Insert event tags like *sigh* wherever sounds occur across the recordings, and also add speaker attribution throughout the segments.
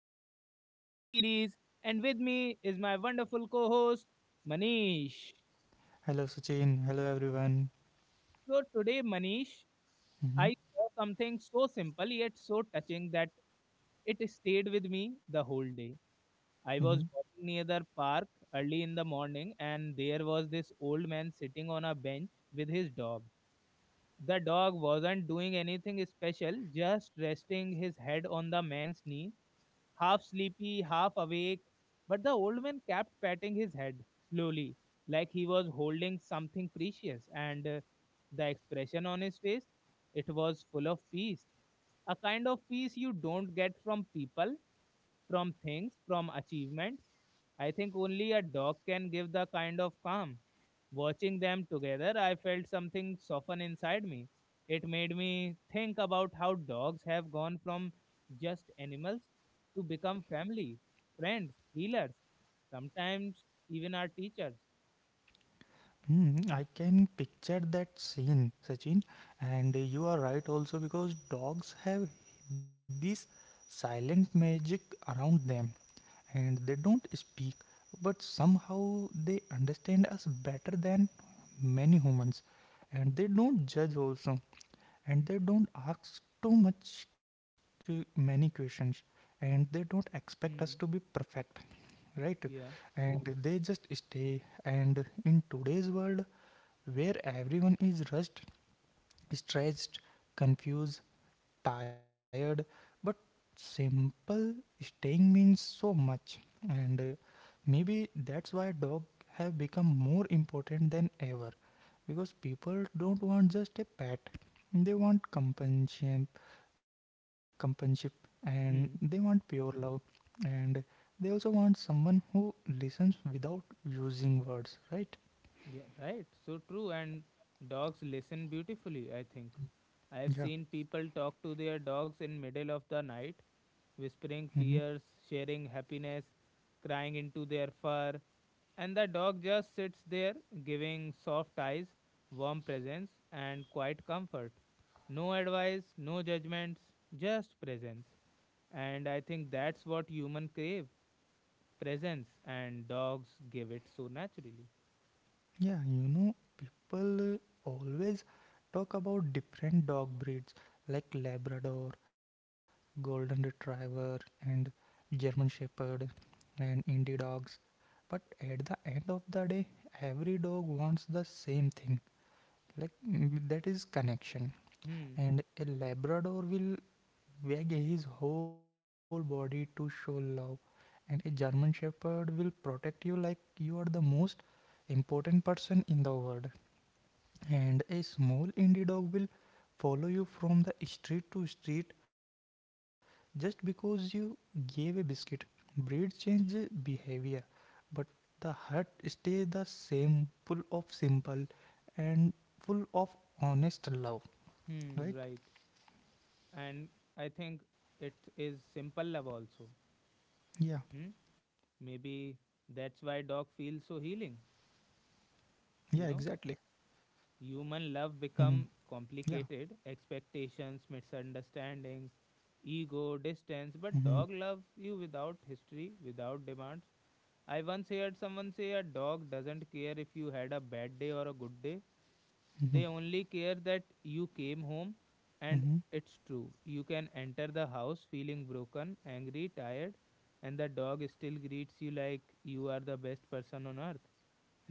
Speaker 1: to our podcast series. And with me is my wonderful co host, Manish.
Speaker 2: Hello, Sachin. Hello, everyone.
Speaker 1: So, today, Manish,
Speaker 2: Hmm.
Speaker 1: I saw something so simple yet so touching that it stayed with me the whole day. I
Speaker 2: Hmm.
Speaker 1: was walking near the park early in the morning, and there was this old man sitting on a bench with his dog. The dog wasn't doing anything special, just resting his head on the man's knee half sleepy, half awake. But the old man kept patting his head slowly, like he was holding something precious, and the expression on his face, it was full of peace. A kind of peace you don't get from people from things, from achievements. I think only a dog can give the kind of calm. Watching them together, I felt something soften inside me. It made me think about how dogs have gone from just animals to become family, friends, healers, sometimes even our teachers.
Speaker 2: I can picture that scene, Sachin. And you are right also because dogs have this silent magic around them, and they don't speak, but somehow they understand us better than many humans, and they don't judge also, and they don't ask too much many questions, and they don't expect us to be
Speaker 1: Hmm.
Speaker 2: perfect, right?
Speaker 1: Yeah.
Speaker 2: And they just stay, and in today's world where everyone is rushed, stressed, confused, tired, but simple staying means so much. And maybe that's why dogs have become more important than ever. Because people don't want just a pet. They want companionship, companionship and they want
Speaker 1: Hmm.
Speaker 2: pure love, and they also want someone who listens without using words, right?
Speaker 1: Yeah, right. So true. And dogs listen beautifully, I think. I have
Speaker 2: Yeah.
Speaker 1: seen people talk to their dogs in middle of the night,
Speaker 2: Mm-hmm.
Speaker 1: whispering fears, sharing happiness, crying into their fur, and the dog just sits there, giving soft eyes, warm presence, and quiet comfort. No advice, no judgments, just presence. And I think that's what human crave, presence, and dogs give it so naturally.
Speaker 2: Yeah, people always talk about different dog breeds like Labrador, Golden Retriever, and German Shepherd, and Indie dogs. But at the end of the day, every dog wants the same thing, like that is connection.
Speaker 1: Hmm,
Speaker 2: And a Labrador will wag his whole body to show love, and a German Shepherd will protect you like you are the most important person in the world, and a small indie dog will follow you from the street to street just because you gave a biscuit. Breed change behavior, but the heart stay the same, full of simple and full of honest love.
Speaker 1: hmm,
Speaker 2: Right?
Speaker 1: right. And I think it is simple love also.
Speaker 2: Yeah.
Speaker 1: Hmm? Maybe that's why dog feels so healing,
Speaker 2: Yeah. Exactly.
Speaker 1: you know.
Speaker 2: Hmm.
Speaker 1: Human love become
Speaker 2: Yeah.
Speaker 1: complicated expectations misunderstandings ego
Speaker 2: Hmm.
Speaker 1: distance, but dog love you without history, without demands. I once heard someone say a dog doesn't care if you had a bad day or a good day.
Speaker 2: Hmm.
Speaker 1: They only care that you came home, and
Speaker 2: Hmm.
Speaker 1: it's true. You can enter the house feeling broken, angry, tired, and the dog still greets you like you are the best person on earth.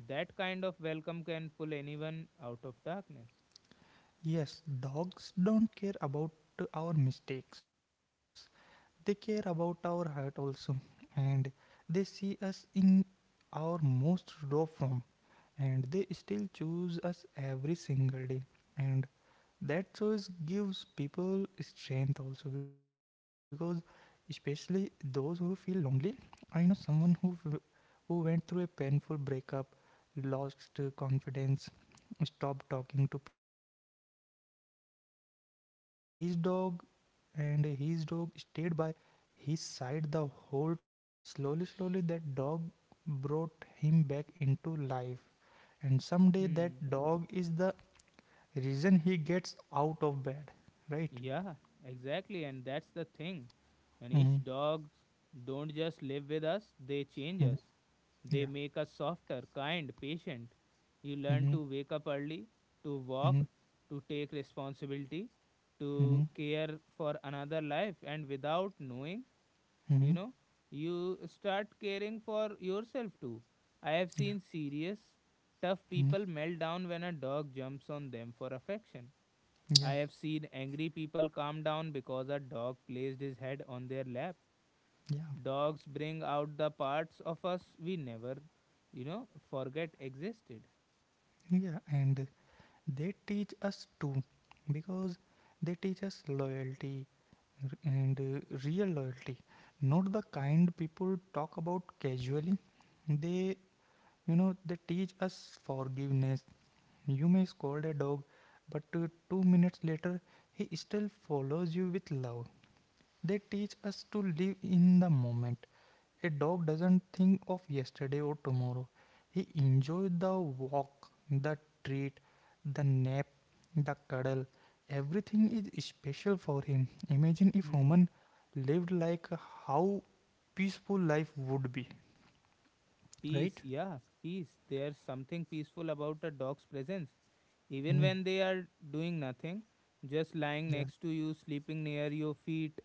Speaker 1: That kind of welcome can pull anyone out of darkness.
Speaker 2: Yes, dogs don't care about our mistakes. They care about our heart also, and they see us in our most raw form, and they still choose us every single day. And that choice gives people strength also, because especially those who feel lonely, I know someone who who went through a painful breakup, lost confidence, stopped talking to people, but his dog stayed by, he sighed the whole time. Slowly, slowly, that dog brought him back into life. And someday,
Speaker 1: Hmm.
Speaker 2: that dog is the reason he gets out of bed, right?
Speaker 1: Yeah, exactly. And that's the thing. Manish,
Speaker 2: Mm-hmm.
Speaker 1: dogs don't just live with us, they change
Speaker 2: Hmm.
Speaker 1: us. They
Speaker 2: Yeah.
Speaker 1: make us softer, kind, patient. You learn
Speaker 2: Mm-hmm.
Speaker 1: to wake up early, to
Speaker 2: Mm-hmm.
Speaker 1: walk, to take responsibility,
Speaker 2: Mm-hmm.
Speaker 1: to care for another life. And without knowing,
Speaker 2: Mm-hmm.
Speaker 1: you know, you start caring for yourself too. I have
Speaker 2: Yeah.
Speaker 1: seen serious, tough
Speaker 2: Mm-hmm.
Speaker 1: people melt down when a dog jumps on them for affection.
Speaker 2: Yeah.
Speaker 1: I have seen angry people calm down because a dog placed his head on their lap.
Speaker 2: Yeah.
Speaker 1: Dogs bring out the parts of us we never, you know, forget existed.
Speaker 2: Yeah. And they teach us too, because they teach us loyalty, r- and real loyalty, not the kind people talk about casually. They you know they teach us forgiveness. You may scold a dog, but 2 minutes later he still follows you with love. They teach us to live in the moment. A dog doesn't think of yesterday or tomorrow. He enjoys the walk, the treat, the nap, the cuddle. Everything is special for him. Imagine if
Speaker 1: Hmm.
Speaker 2: human lived like how peaceful life would be,
Speaker 1: Peace,
Speaker 2: right?
Speaker 1: yeah, peace. There's something peaceful about a dog's presence. Even
Speaker 2: Mm,
Speaker 1: when they are doing nothing, just lying
Speaker 2: yeah.
Speaker 1: next to you, sleeping near your feet,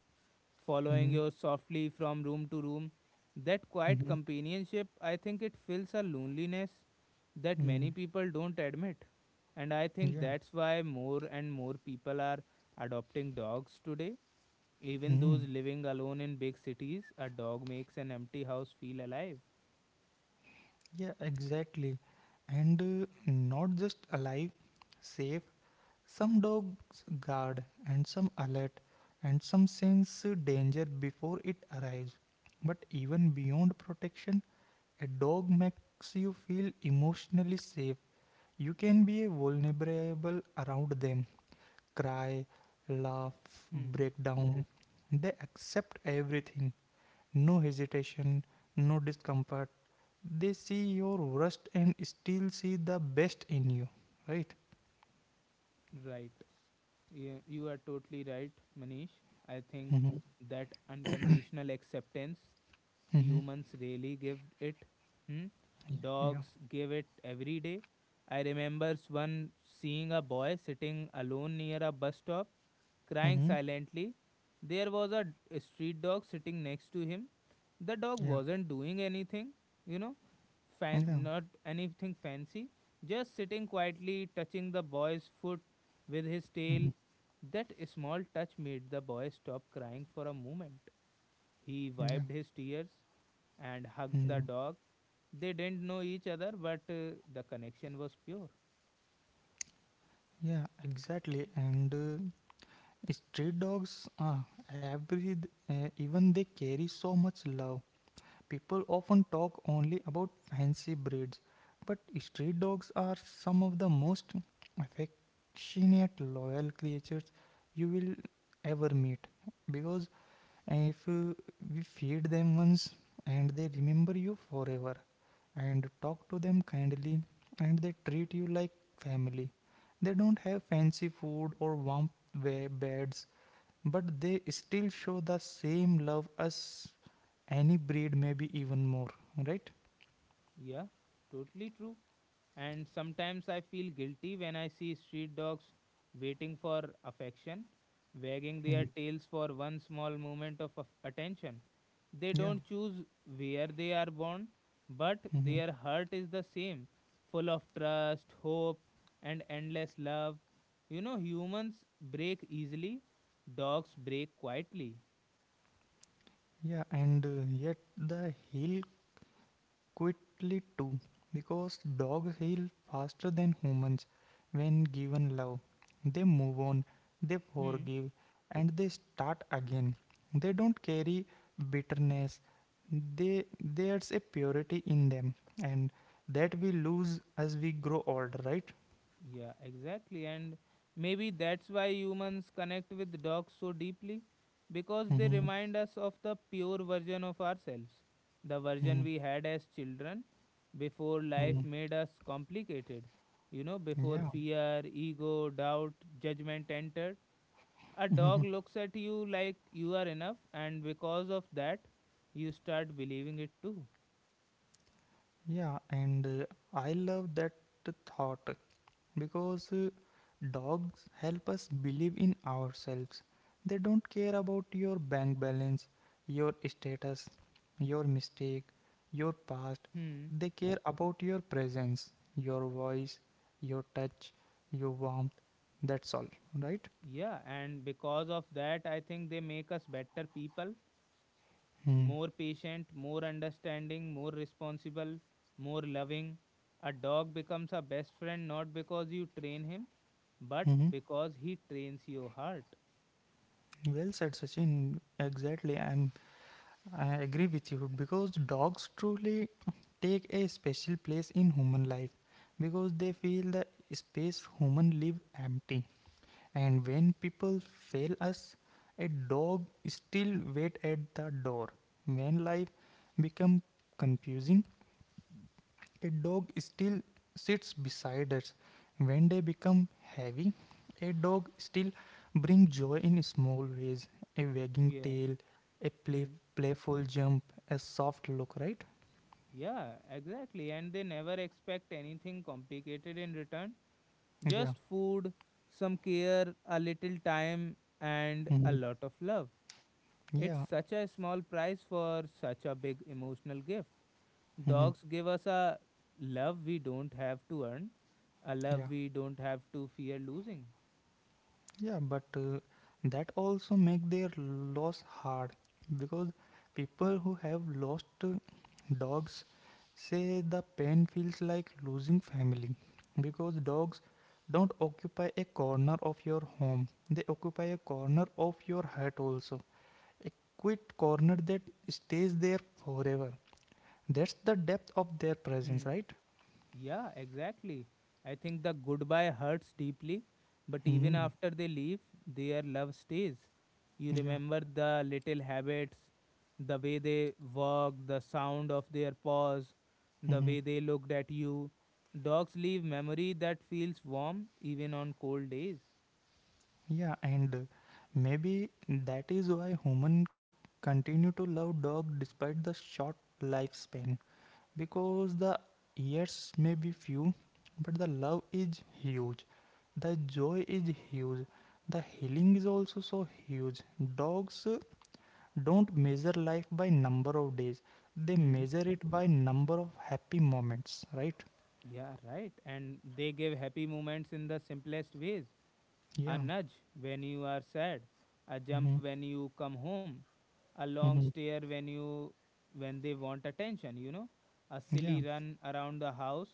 Speaker 1: following
Speaker 2: Mm-hmm.
Speaker 1: you softly from room to room. That quiet
Speaker 2: Mm-hmm.
Speaker 1: companionship, I think it fills a loneliness that
Speaker 2: Mm,
Speaker 1: many people don't admit. And I think
Speaker 2: yeah.
Speaker 1: that's why more and more people are adopting dogs today. Even those
Speaker 2: Mm,
Speaker 1: living alone in big cities, a dog makes an empty house feel alive.
Speaker 2: yeah, exactly. And not just alive, safe. Some dogs guard, and some alert, and some sense danger before it arrives. But even beyond protection, a dog makes you feel emotionally safe. You can be vulnerable around them, cry, laugh,
Speaker 1: Hmm.
Speaker 2: break down. They accept everything, no hesitation, no discomfort. They see your worst and still see the best in you, right?
Speaker 1: Right. Yeah, you are totally right, Manish. I think
Speaker 2: Mm-hmm.
Speaker 1: that unconditional acceptance Humans really give it. Hmm?
Speaker 2: Yeah. Yeah.
Speaker 1: Dogs give it every day. I remembers one seeing a boy sitting alone near a bus stop, crying
Speaker 2: Mm-hmm.
Speaker 1: silently. There was a street dog sitting next to him. The dog
Speaker 2: Yeah.
Speaker 1: wasn't doing anything, you know,
Speaker 2: Yeah,
Speaker 1: not anything fancy, just sitting quietly, touching the boy's foot with his tail. That small touch made the boy stop crying for a moment. He
Speaker 2: yeah,
Speaker 1: wiped his tears and hugged the
Speaker 2: mm,
Speaker 1: dog. They didn't know each other, but the connection was pure.
Speaker 2: yeah, exactly. And street dogs, every even they carry so much love. People often talk only about fancy breeds, but street dogs are some of the most affectionate, loyal creatures you will ever meet, because and if we feed them once, and they remember you forever, and talk to them kindly, and they treat you like family. They don't have fancy food or warm beds, but they still show the same love as any breed, maybe even more, right?
Speaker 1: Yeah, totally true. And sometimes I feel guilty when I see street dogs waiting for affection, wagging their
Speaker 2: Mhm.
Speaker 1: tails for one small moment of attention. They
Speaker 2: Yeah.
Speaker 1: don't choose where they are born, but
Speaker 2: Mhm.
Speaker 1: their heart is the same, full of trust, hope, and endless love. You know, humans break easily, dogs break quietly.
Speaker 2: Yeah, and yet the hill quickly too, because dogs heal faster than humans when given love. They move on, they
Speaker 1: Hmm.
Speaker 2: forgive, and they start again. They don't carry bitterness. They There's a purity in them, and that we lose as we grow older, right?
Speaker 1: Yeah, exactly. And maybe that's why humans connect with dogs so deeply because they
Speaker 2: Mm-hmm.
Speaker 1: remind us of the pure version of ourselves, the
Speaker 2: Mm-hmm.
Speaker 1: version we had as children before life
Speaker 2: Mm-hmm.
Speaker 1: made us complicated. You know, before
Speaker 2: Yeah.
Speaker 1: fear, ego, doubt, judgment entered, a dog looks at you like you are enough, and because of that, you start believing it too.
Speaker 2: Yeah, and I love that thought, because dogs help us believe in ourselves. They don't care about your bank balance, your status, your mistake, your past.
Speaker 1: Hmm.
Speaker 2: They care about your presence, your voice, your touch, your warmth. That's all, right?
Speaker 1: Yeah, and because of that, I think they make us better people
Speaker 2: Hmm.
Speaker 1: more patient, more understanding, more responsible, more loving. A dog becomes a best friend not because you train him, but
Speaker 2: Mm-hmm.
Speaker 1: because he trains your heart.
Speaker 2: Well said, Sachin. Exactly. I agree with you, because dogs truly take a special place in human life, because they feel the space human live empty. And when people fail us, a dog still wait at the door. When life become confusing, a dog still sits beside us. When they become heavy, a dog still brings joy in small ways, a wagging
Speaker 1: Yeah.
Speaker 2: tail, a play,
Speaker 1: Hmm.
Speaker 2: playful jump, a soft look, right?
Speaker 1: Yeah, exactly. And they never expect anything complicated in return.
Speaker 2: Yeah.
Speaker 1: Just food, some care, a little time, and a
Speaker 2: Mhm.
Speaker 1: lot of love. It's
Speaker 2: Yeah.
Speaker 1: such a small price for such a big emotional gift.
Speaker 2: Mhm.
Speaker 1: Dogs give us a love we don't have to earn. A love
Speaker 2: Yeah.
Speaker 1: we don't have to fear losing.
Speaker 2: Yeah, but that also make their loss hard, because people who have lost dogs say the pain feels like losing family, because dogs don't occupy a corner of your home, they occupy a corner of your heart also, a quiet corner that stays there forever. That's the depth of their presence,
Speaker 1: Hmm.
Speaker 2: right?
Speaker 1: Yeah, exactly. I think the goodbye hurts deeply, but even
Speaker 2: Mm-hmm.
Speaker 1: after they leave, their love stays. You
Speaker 2: Yeah.
Speaker 1: remember the little habits, the way they walked, the sound of their paws, the
Speaker 2: Mm-hmm.
Speaker 1: way they looked at you. Dogs leave memory that feels warm even on cold days.
Speaker 2: Yeah, and maybe that is why humans continue to love dog despite the short lifespan, because the years may be few, but the love is huge. The joy is huge. The healing is also so huge. Dogs don't measure life by number of days. They
Speaker 1: Hmm.
Speaker 2: measure it by number of happy moments, right?
Speaker 1: Yeah, right. And they give happy moments in the simplest ways. A
Speaker 2: Yeah.
Speaker 1: nudge when you are sad, a jump
Speaker 2: Mm-hmm.
Speaker 1: when you come home, a long
Speaker 2: Mm-hmm.
Speaker 1: stare when you when they want attention, you know, a
Speaker 2: Yeah.
Speaker 1: silly run around the house.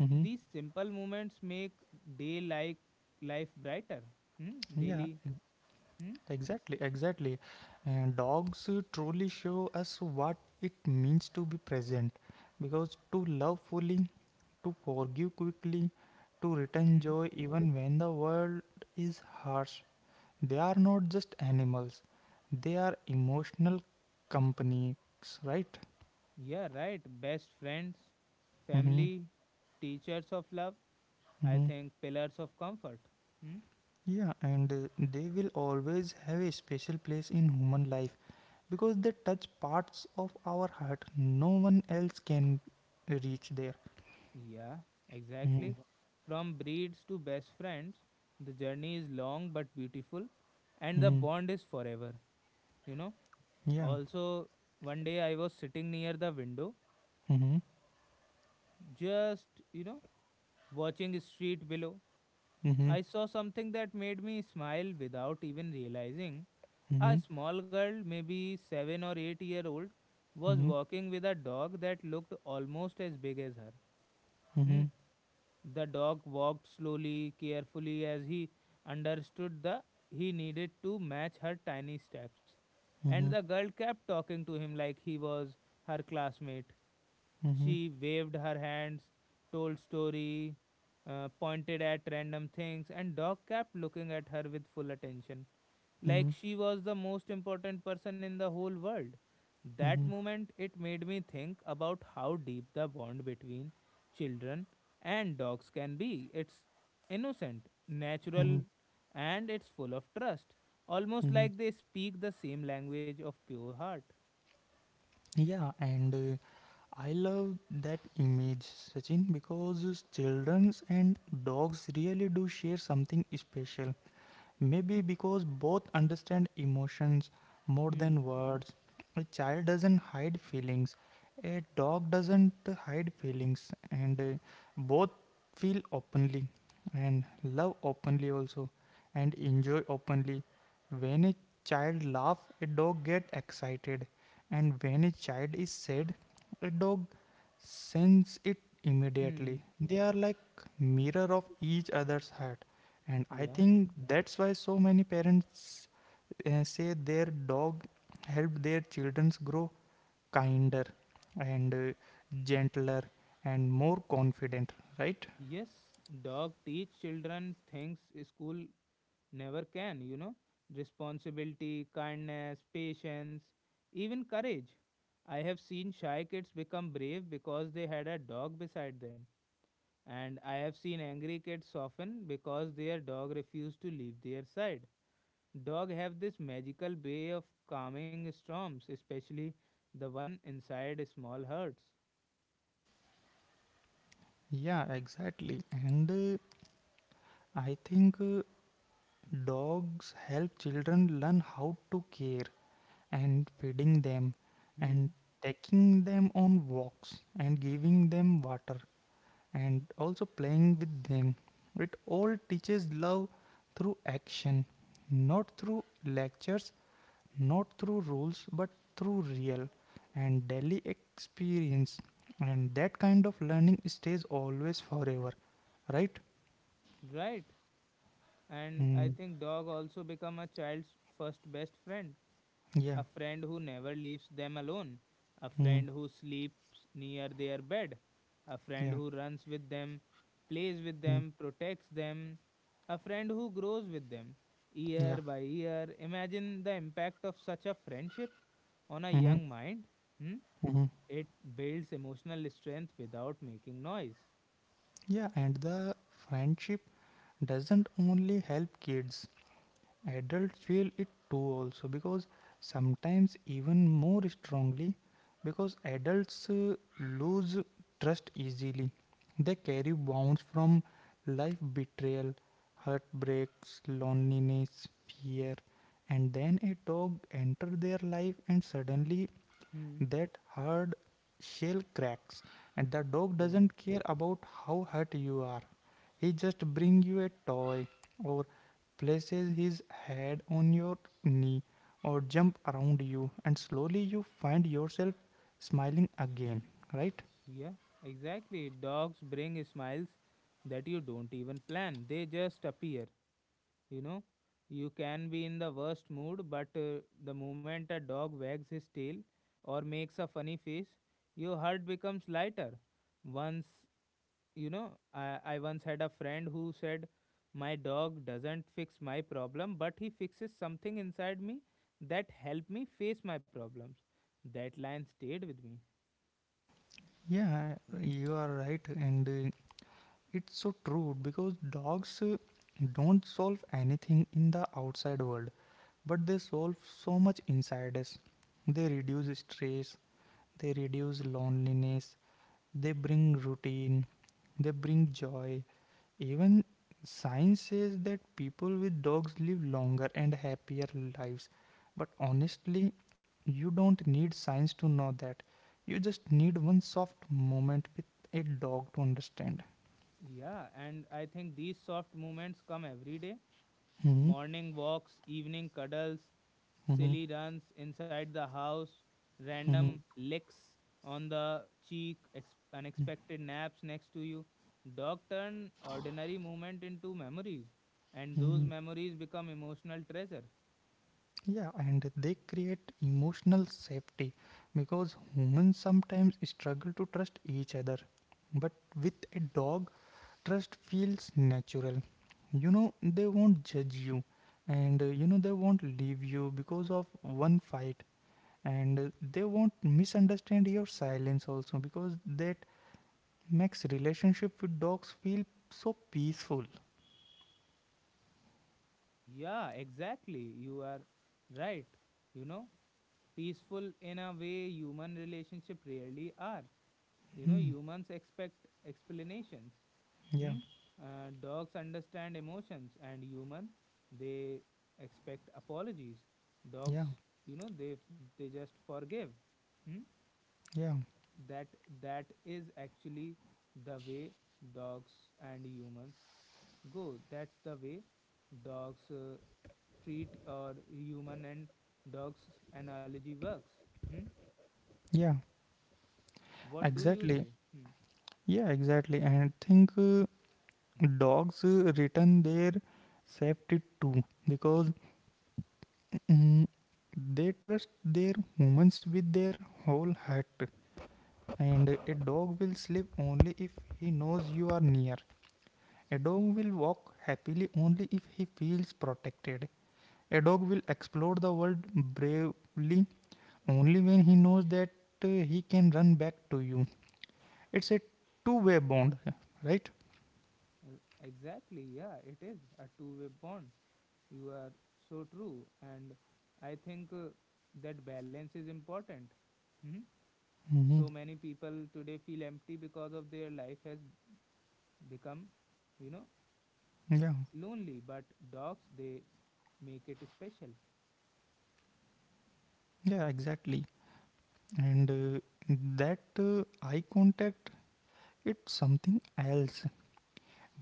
Speaker 2: Mm-hmm.
Speaker 1: These simple moments make day like life brighter. Hmm?
Speaker 2: Yeah.
Speaker 1: Daily. Hmm?
Speaker 2: Exactly, exactly. And dogs truly show us what it means to be present, because to love fully, to forgive quickly, to return
Speaker 1: Hmm.
Speaker 2: joy even when the world is harsh. They are not just animals, they are emotional companies, right?
Speaker 1: Yeah, right. Best friends,
Speaker 2: Mm-hmm.
Speaker 1: family, teachers of love, I
Speaker 2: Mm-hmm.
Speaker 1: think pillars of comfort. Hmm?
Speaker 2: Yeah, and they will always have a special place in human life, because they touch parts of our heart no one else can reach there.
Speaker 1: Yeah,
Speaker 2: Mm.
Speaker 1: exactly. From breeds to best friends, the journey is long but beautiful, and the
Speaker 2: Mhm.
Speaker 1: bond is forever, you know.
Speaker 2: Yeah.
Speaker 1: Also, one day I was sitting near the window,
Speaker 2: Mhm.
Speaker 1: just, you know, watching the street below.
Speaker 2: Mhm.
Speaker 1: I saw something that made me smile without even realizing. A
Speaker 2: Mhm.
Speaker 1: small girl, maybe 7 or 8 year old, was
Speaker 2: Mhm.
Speaker 1: walking with a dog that looked almost as big as her.
Speaker 2: Mhm.
Speaker 1: Hmm.
Speaker 2: Mhm.
Speaker 1: The dog walked slowly, carefully, as he understood that he needed to match her tiny steps. And the
Speaker 2: Mhm.
Speaker 1: girl kept talking to him like he was her classmate. She waved her hands, told story, pointed at random things, and dog kept looking at her with full attention like
Speaker 2: Mhm.
Speaker 1: she was the most important person in the whole world. That
Speaker 2: Mhm.
Speaker 1: moment, it made me think about how deep the bond between children and dogs can be. It's innocent,
Speaker 2: Mhm.
Speaker 1: natural, and it's full of trust, almost
Speaker 2: Mhm.
Speaker 1: like they speak the same language of pure heart.
Speaker 2: Yeah, and I love that image, Sachin, because childrens and dogs really do share something special. Maybe because both understand emotions more
Speaker 1: Hmm.
Speaker 2: than words. A child doesn't hide feelings, a dog doesn't hide feelings, and both feel openly, and love openly also, and enjoy openly. When a child laughs, a dog get excited, and when a child is sad, a dog sense it
Speaker 1: Hmm.
Speaker 2: immediately. They are like mirror of each other's heart. And I
Speaker 1: Yeah.
Speaker 2: think that's why so many parents say their dog helped their children grow kinder and gentler and more confident, right?
Speaker 1: Yes, dog teach children things school never can, you know. Responsibility, kindness, patience, even courage. I have seen shy kids become brave because they had a dog beside them. And I have seen angry kids soften because their dog refused to leave their side. Dogs have this magical way of calming storms, especially the one inside small hearts.
Speaker 2: Yeah, exactly. And I think dogs help children learn how to care, and feeding them, and
Speaker 1: Hmm.
Speaker 2: taking them on walks, and giving them water, and also playing with them. It all teaches love through action, not through lectures, not through rules, but through real and daily experience. And that kind of learning stays always forever, right?
Speaker 1: Right. And
Speaker 2: Mm,
Speaker 1: I think dog also become a child's first best friend, a
Speaker 2: yeah,
Speaker 1: friend who never leaves them alone, a
Speaker 2: mm,
Speaker 1: friend who sleeps near their bed, a friend
Speaker 2: yeah,
Speaker 1: who runs with them, plays with
Speaker 2: mm,
Speaker 1: them, protects them, a friend who grows with them
Speaker 2: yeah.
Speaker 1: year by year. Imagine the impact of such a friendship on a
Speaker 2: Mm-hmm,
Speaker 1: young mind. Hmm?
Speaker 2: mm-hmm.
Speaker 1: It builds emotional strength without making noise.
Speaker 2: Yeah, and the friendship doesn't only help kids, adults feel it too also, because sometimes even more strongly, because adults lose trust easily. They carry wounds from life, betrayal, heartbreaks, loneliness, fear, and then a dog enters their life and suddenly
Speaker 1: Hmm.
Speaker 2: that hard shell cracks, and the dog
Speaker 1: Yeah,
Speaker 2: doesn't care about how hurt you are. He just brings you a toy, or places his head on your knee, or jump around you, and slowly you find yourself smiling again. Right?
Speaker 1: yeah, exactly. Dogs bring smiles that you don't even plan, they just appear. You know, you can be in the worst mood, but the moment a dog wags his tail or makes a funny face your heart becomes lighter. Once, you know, I once had a friend who said my dog doesn't fix my problem, but he fixes something inside me that help me face my problems. That line stayed with me.
Speaker 2: Yeah, you are right, and it's so true, because dogs don't solve anything in the outside world, but they solve so much inside us. They reduce stress, they reduce loneliness, they bring routine, they bring joy. Even science says that people with dogs live longer and happier lives. But honestly, you don't need science to know that. You just need one soft moment with a dog to understand.
Speaker 1: Yeah, and I think these soft moments come every day,
Speaker 2: Hmm.
Speaker 1: morning walks, evening cuddles,
Speaker 2: Hmm.
Speaker 1: silly runs inside the house,
Speaker 2: Hmm.
Speaker 1: random licks on the cheek, unexpected naps next to you. Dog turn ordinary movement into memories, and those
Speaker 2: Hmm.
Speaker 1: memories become emotional treasure.
Speaker 2: Yeah, and they create emotional safety, because humans sometimes struggle to trust each other. But with a dog, trust feels natural. They won't judge you, and they won't leave you because of one fight, and they won't misunderstand your silence also, because that makes relationship with dogs feel so peaceful.
Speaker 1: Yeah, exactly. You are right. You know, peaceful in a way human relationship rarely are. You know,
Speaker 2: Hmm.
Speaker 1: humans expect explanations.
Speaker 2: Yeah.
Speaker 1: Hmm? Dogs understand emotions and human they expect apologies. Dogs,
Speaker 2: Yeah.
Speaker 1: you know, they just forgive. Hmm?
Speaker 2: Yeah.
Speaker 1: That is actually the way dogs and humans go. That's the way dogs treat or human and dogs analogy works. Hmm?
Speaker 2: Yeah,
Speaker 1: What do you
Speaker 2: exactly.
Speaker 1: say? Hmm.
Speaker 2: Yeah, exactly. And think dogs return their safety too, because mm, they trust their humans with their whole heart. And a dog will sleep only if he knows you are near. A dog will walk happily only if he feels protected. A dog will explore the world bravely only when he knows that he can run back to you. It's a two-way bond, right?
Speaker 1: Uh, exactly, yeah, it is a two-way bond. You are so true. And I think that balance is important. Hmm?
Speaker 2: Hmm.
Speaker 1: So many people today feel empty because of their life has become, you know,
Speaker 2: Yeah,
Speaker 1: lonely. But dogs, they make it special.
Speaker 2: yeah, exactly. And that eye contact, it's something else.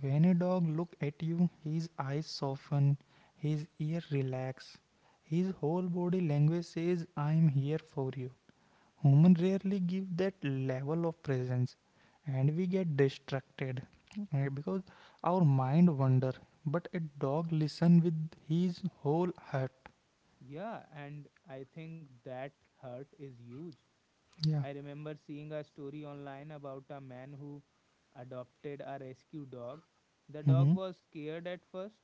Speaker 2: When a dog looks at you, his eyes soften, his ear relax, his whole body language says, I am here for you. Humans rarely give that level of presence, and we get distracted because our mind wander. But a dog listen with his whole heart.
Speaker 1: Yeah, and I think that hurt is huge.
Speaker 2: Yeah.
Speaker 1: I remember seeing a story online about a man who adopted a rescue dog. The dog
Speaker 2: Mm-hmm.
Speaker 1: was scared at first,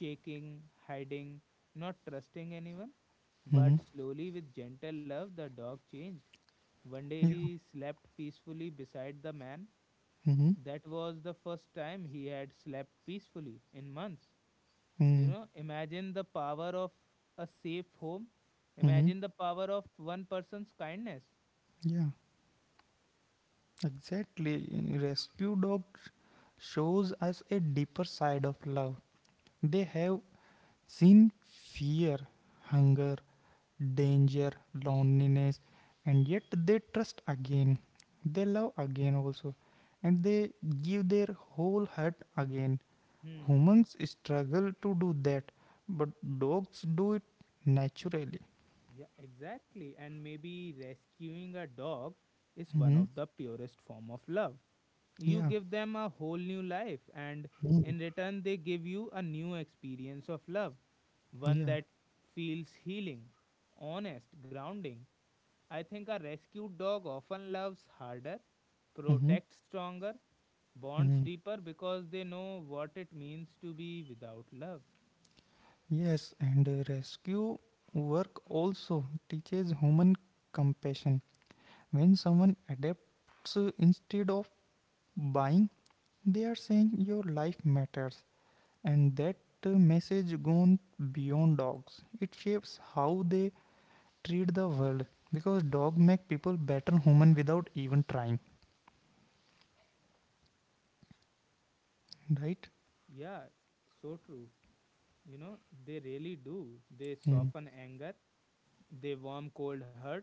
Speaker 1: shaking, hiding, not trusting anyone. But
Speaker 2: Mm-hmm.
Speaker 1: slowly, with gentle love, the dog changed. One day
Speaker 2: Yeah.
Speaker 1: he slept peacefully beside the man.
Speaker 2: Mm-hmm.
Speaker 1: That was the first time he had slept peacefully in months. You know, imagine the power of a safe home.
Speaker 2: Mm-hmm.
Speaker 1: Imagine the power of one person's kindness.
Speaker 2: Yeah. Exactly. Rescue dog shows us a deeper side of love. They have seen fear, hunger, danger, loneliness, and yet they trust again. They love again also, and they give their whole heart again.
Speaker 1: Hmm.
Speaker 2: Humans struggle to do that, but dogs do it naturally.
Speaker 1: Yeah, exactly. And maybe rescuing a dog is one
Speaker 2: Hmm
Speaker 1: of the purest form of love. You
Speaker 2: Yeah,
Speaker 1: give them a whole new life and in return they give you a new experience of love, one
Speaker 2: yeah.
Speaker 1: that feels healing, honest, grounding. I think a rescued dog often loves harder,
Speaker 2: hmm
Speaker 1: protects stronger, bonds
Speaker 2: hmm
Speaker 1: deeper because they know what it means to be without love.
Speaker 2: Yes, and rescue work also teaches human compassion. When someone adapts instead of buying, they are saying your life matters, and that message gone beyond dogs. It shapes how they treat the world because dog make people better human without even trying, right?
Speaker 1: Yeah, so true. you know they really do. They
Speaker 2: mm.
Speaker 1: soften anger, they warm cold hurt,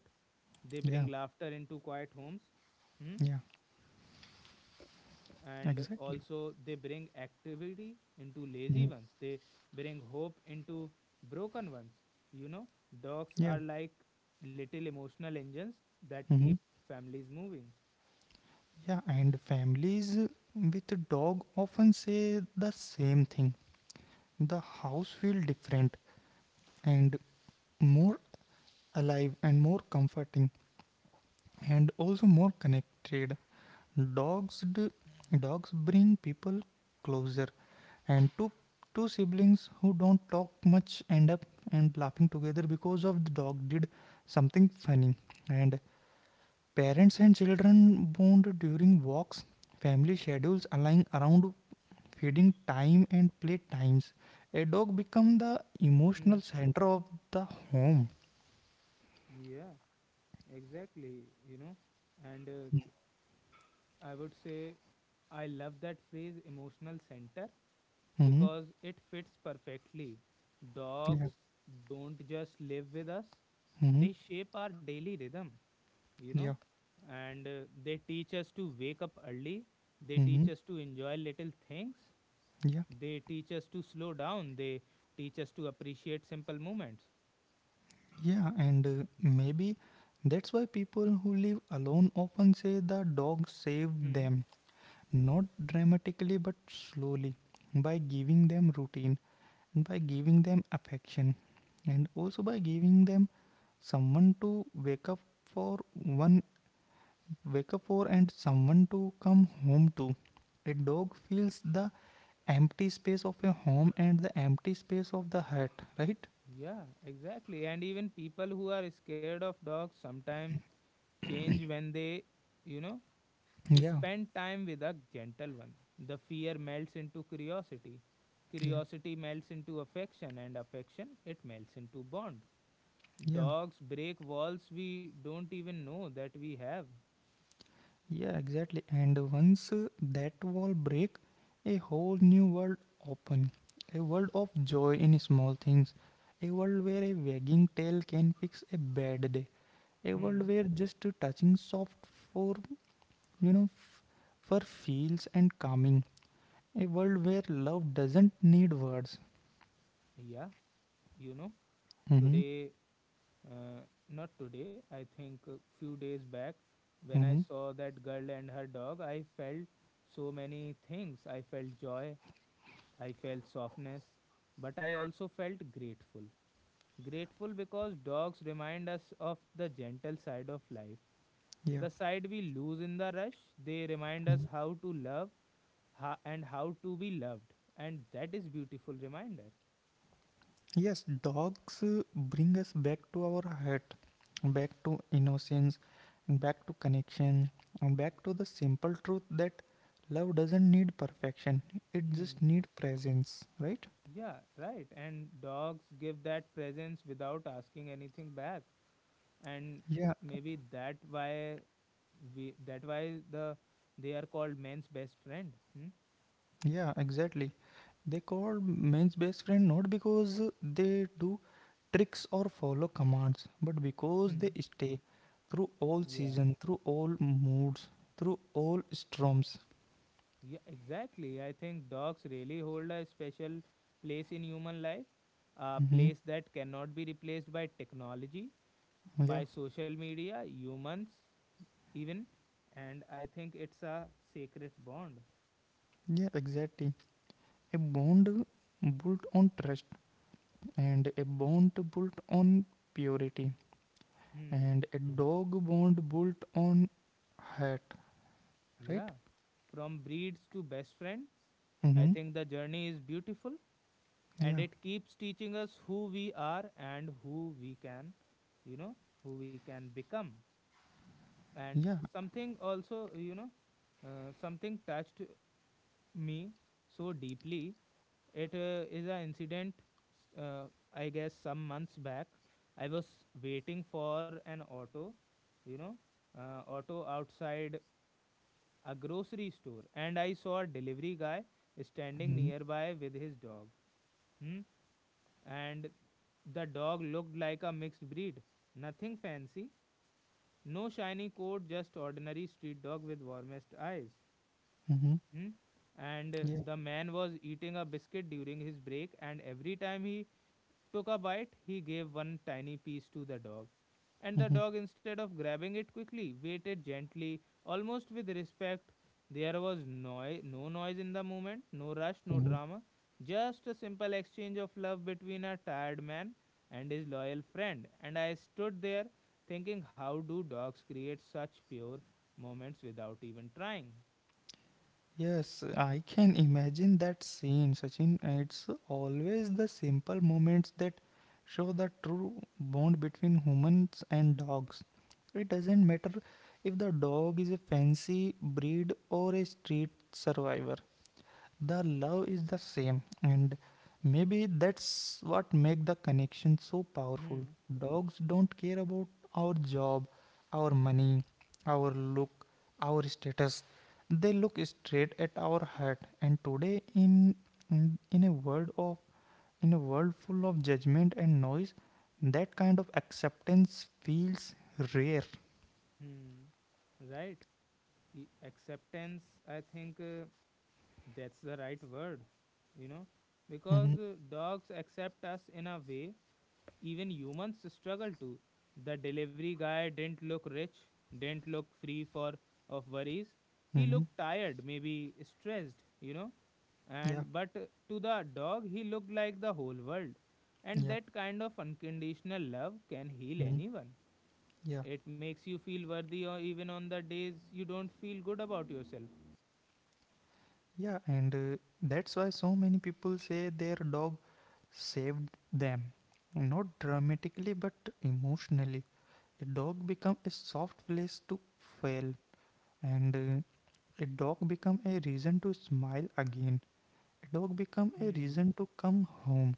Speaker 1: they bring
Speaker 2: Yeah,
Speaker 1: laughter into quiet homes. Hmm?
Speaker 2: yeah,
Speaker 1: And
Speaker 2: exactly.
Speaker 1: also they bring activity into lazy
Speaker 2: Mhm.
Speaker 1: ones, they bring hope into broken ones. you know Dogs
Speaker 2: Yeah.
Speaker 1: are like little emotional engines that
Speaker 2: hmm
Speaker 1: keep families moving.
Speaker 2: yeah, and families with a dog often say the same thing: the house feel different and more alive and more comforting and also more connected. Dogs d- Dogs bring people closer, and two siblings who don't talk much end up and laughing together because of the dog did something funny. And parents and children bond during walks. Family schedules align around feeding time and play times. A dog become the
Speaker 1: Mm.
Speaker 2: emotional center of the home.
Speaker 1: Yeah, exactly. You know, and I would say I love that phrase emotional center
Speaker 2: Mm-hmm.
Speaker 1: because it fits perfectly. Dogs
Speaker 2: Yeah.
Speaker 1: don't just live with us,
Speaker 2: Mm-hmm.
Speaker 1: they shape our daily rhythm, you know,
Speaker 2: Yeah.
Speaker 1: and they teach us to wake up early, they teach
Speaker 2: Mm-hmm.
Speaker 1: us to enjoy little things,
Speaker 2: Yeah.
Speaker 1: they teach us to slow down, they teach us to appreciate simple moments.
Speaker 2: Yeah, and maybe that's why people who live alone often say the dog saved
Speaker 1: Hmm.
Speaker 2: them, not dramatically but slowly, by giving them routine and by giving them affection, and also by giving them someone to wake up for, one and someone to come home to. A dog fills the empty space of a home and the empty space of the heart, right?
Speaker 1: Yeah, exactly. And even people who are scared of dogs sometimes change when they, you know,
Speaker 2: Yeah,
Speaker 1: spend time with a gentle one. The fear melts into curiosity.
Speaker 2: yeah,
Speaker 1: Curiosity melts into affection, and affection it melts into bond.
Speaker 2: yeah.
Speaker 1: Dogs break walls we don't even know that we have.
Speaker 2: Yeah, exactly. And once that wall break, a whole new world open. A world of joy in small things. A world where a wagging tail can fix a bad day. A world
Speaker 1: Hmm.
Speaker 2: where just touching soft for you know f- for feels and calming. A world where love doesn't need words.
Speaker 1: Yeah, you know,
Speaker 2: Mm-hmm.
Speaker 1: today, uh, not today, I think a few days back, when I
Speaker 2: Mm-hmm.
Speaker 1: saw that girl and her dog, I felt so many things. I felt joy, I felt softness, but I also felt grateful. Grateful because dogs remind us of the gentle side of life,
Speaker 2: Yeah.
Speaker 1: the side we lose in the rush. They remind us how to love and how to be loved, and that is beautiful reminder.
Speaker 2: Yes, dogs bring us back to our heart, back to innocence, back to connection, and back to the simple truth that love doesn't need perfection, it
Speaker 1: Hmm.
Speaker 2: just needs presence, right?
Speaker 1: Yeah, right. And dogs give that presence without asking anything back, and
Speaker 2: Yeah,
Speaker 1: maybe that why the they are called men's best friend. Hmm?
Speaker 2: yeah, exactly. They call men's best friend not because they do tricks or follow commands, but because they
Speaker 1: Hmm.
Speaker 2: stay through all
Speaker 1: Yeah,
Speaker 2: season, through all moods, through all storms.
Speaker 1: yeah, exactly. I think dogs really hold a special place in human life, a
Speaker 2: Hmm
Speaker 1: place that cannot be replaced by technology,
Speaker 2: Yeah,
Speaker 1: by social media, humans, even. And I think it's a sacred bond.
Speaker 2: yeah, exactly. A bond built on trust, and a bond built on purity,
Speaker 1: Hmm.
Speaker 2: and a dog bond built on heart, right?
Speaker 1: Yeah. From breeds to best friend, I
Speaker 2: Mm-hmm.
Speaker 1: think the journey is beautiful and
Speaker 2: Yeah,
Speaker 1: it keeps teaching us who we are and who we can, you know, who we can become. And
Speaker 2: yeah.
Speaker 1: something also, something touched me so deeply. It is an incident, s- uh, I guess, some months back. I was waiting for an auto, you know, auto outside a grocery store, and I saw a delivery guy standing
Speaker 2: Mm-hmm.
Speaker 1: nearby with his dog. Hmm? And the dog looked like a mixed breed. Nothing fancy, no shiny coat, just ordinary street dog with warmest eyes.
Speaker 2: Mm-hmm.
Speaker 1: Hmm? And
Speaker 2: Yeah.
Speaker 1: the man was eating a biscuit during his break, and every time he took a bite, he gave one tiny piece to the dog. And the
Speaker 2: Mm-hmm.
Speaker 1: dog, instead of grabbing it quickly, waited gently, almost with respect. There was no noise in the moment, no rush, no
Speaker 2: Mm-hmm.
Speaker 1: drama, just a simple exchange of love between a tired man and his loyal friend. And I stood there thinking, how do dogs create such pure moments without even trying?
Speaker 2: Yes, I can imagine that scene, Sachin. It's always the simple moments that show the true bond between humans and dogs. It doesn't matter if the dog is a fancy breed or a street survivor. The love is the same, and maybe that's what make the connection so powerful.
Speaker 1: Hmm.
Speaker 2: Dogs don't care about our job, our money, our look, our status. They look straight at our heart. And today, in in a world of in a world full of judgment and noise, that kind of acceptance feels rare.
Speaker 1: Hmm. Right. Acceptance, I think, that's the right word, you know
Speaker 2: Mm-hmm.
Speaker 1: because dogs accept us in a way even humans struggle to. The delivery guy didn't look rich, didn't look free for of worries. He
Speaker 2: Mm-hmm.
Speaker 1: looked tired, maybe stressed, you know
Speaker 2: Yeah,
Speaker 1: and but to the dog he looked like the whole world, and
Speaker 2: yeah.
Speaker 1: that kind of unconditional love can heal
Speaker 2: Mhm.
Speaker 1: anyone.
Speaker 2: Yeah.
Speaker 1: It makes you feel worthy or even on the days you don't feel good about yourself.
Speaker 2: Yeah, and that's why so many people say their dog saved them. Not dramatically, but emotionally. A dog become a soft place to fail, and a dog become a reason to smile again. A dog become a
Speaker 1: Hmm.
Speaker 2: reason to come home.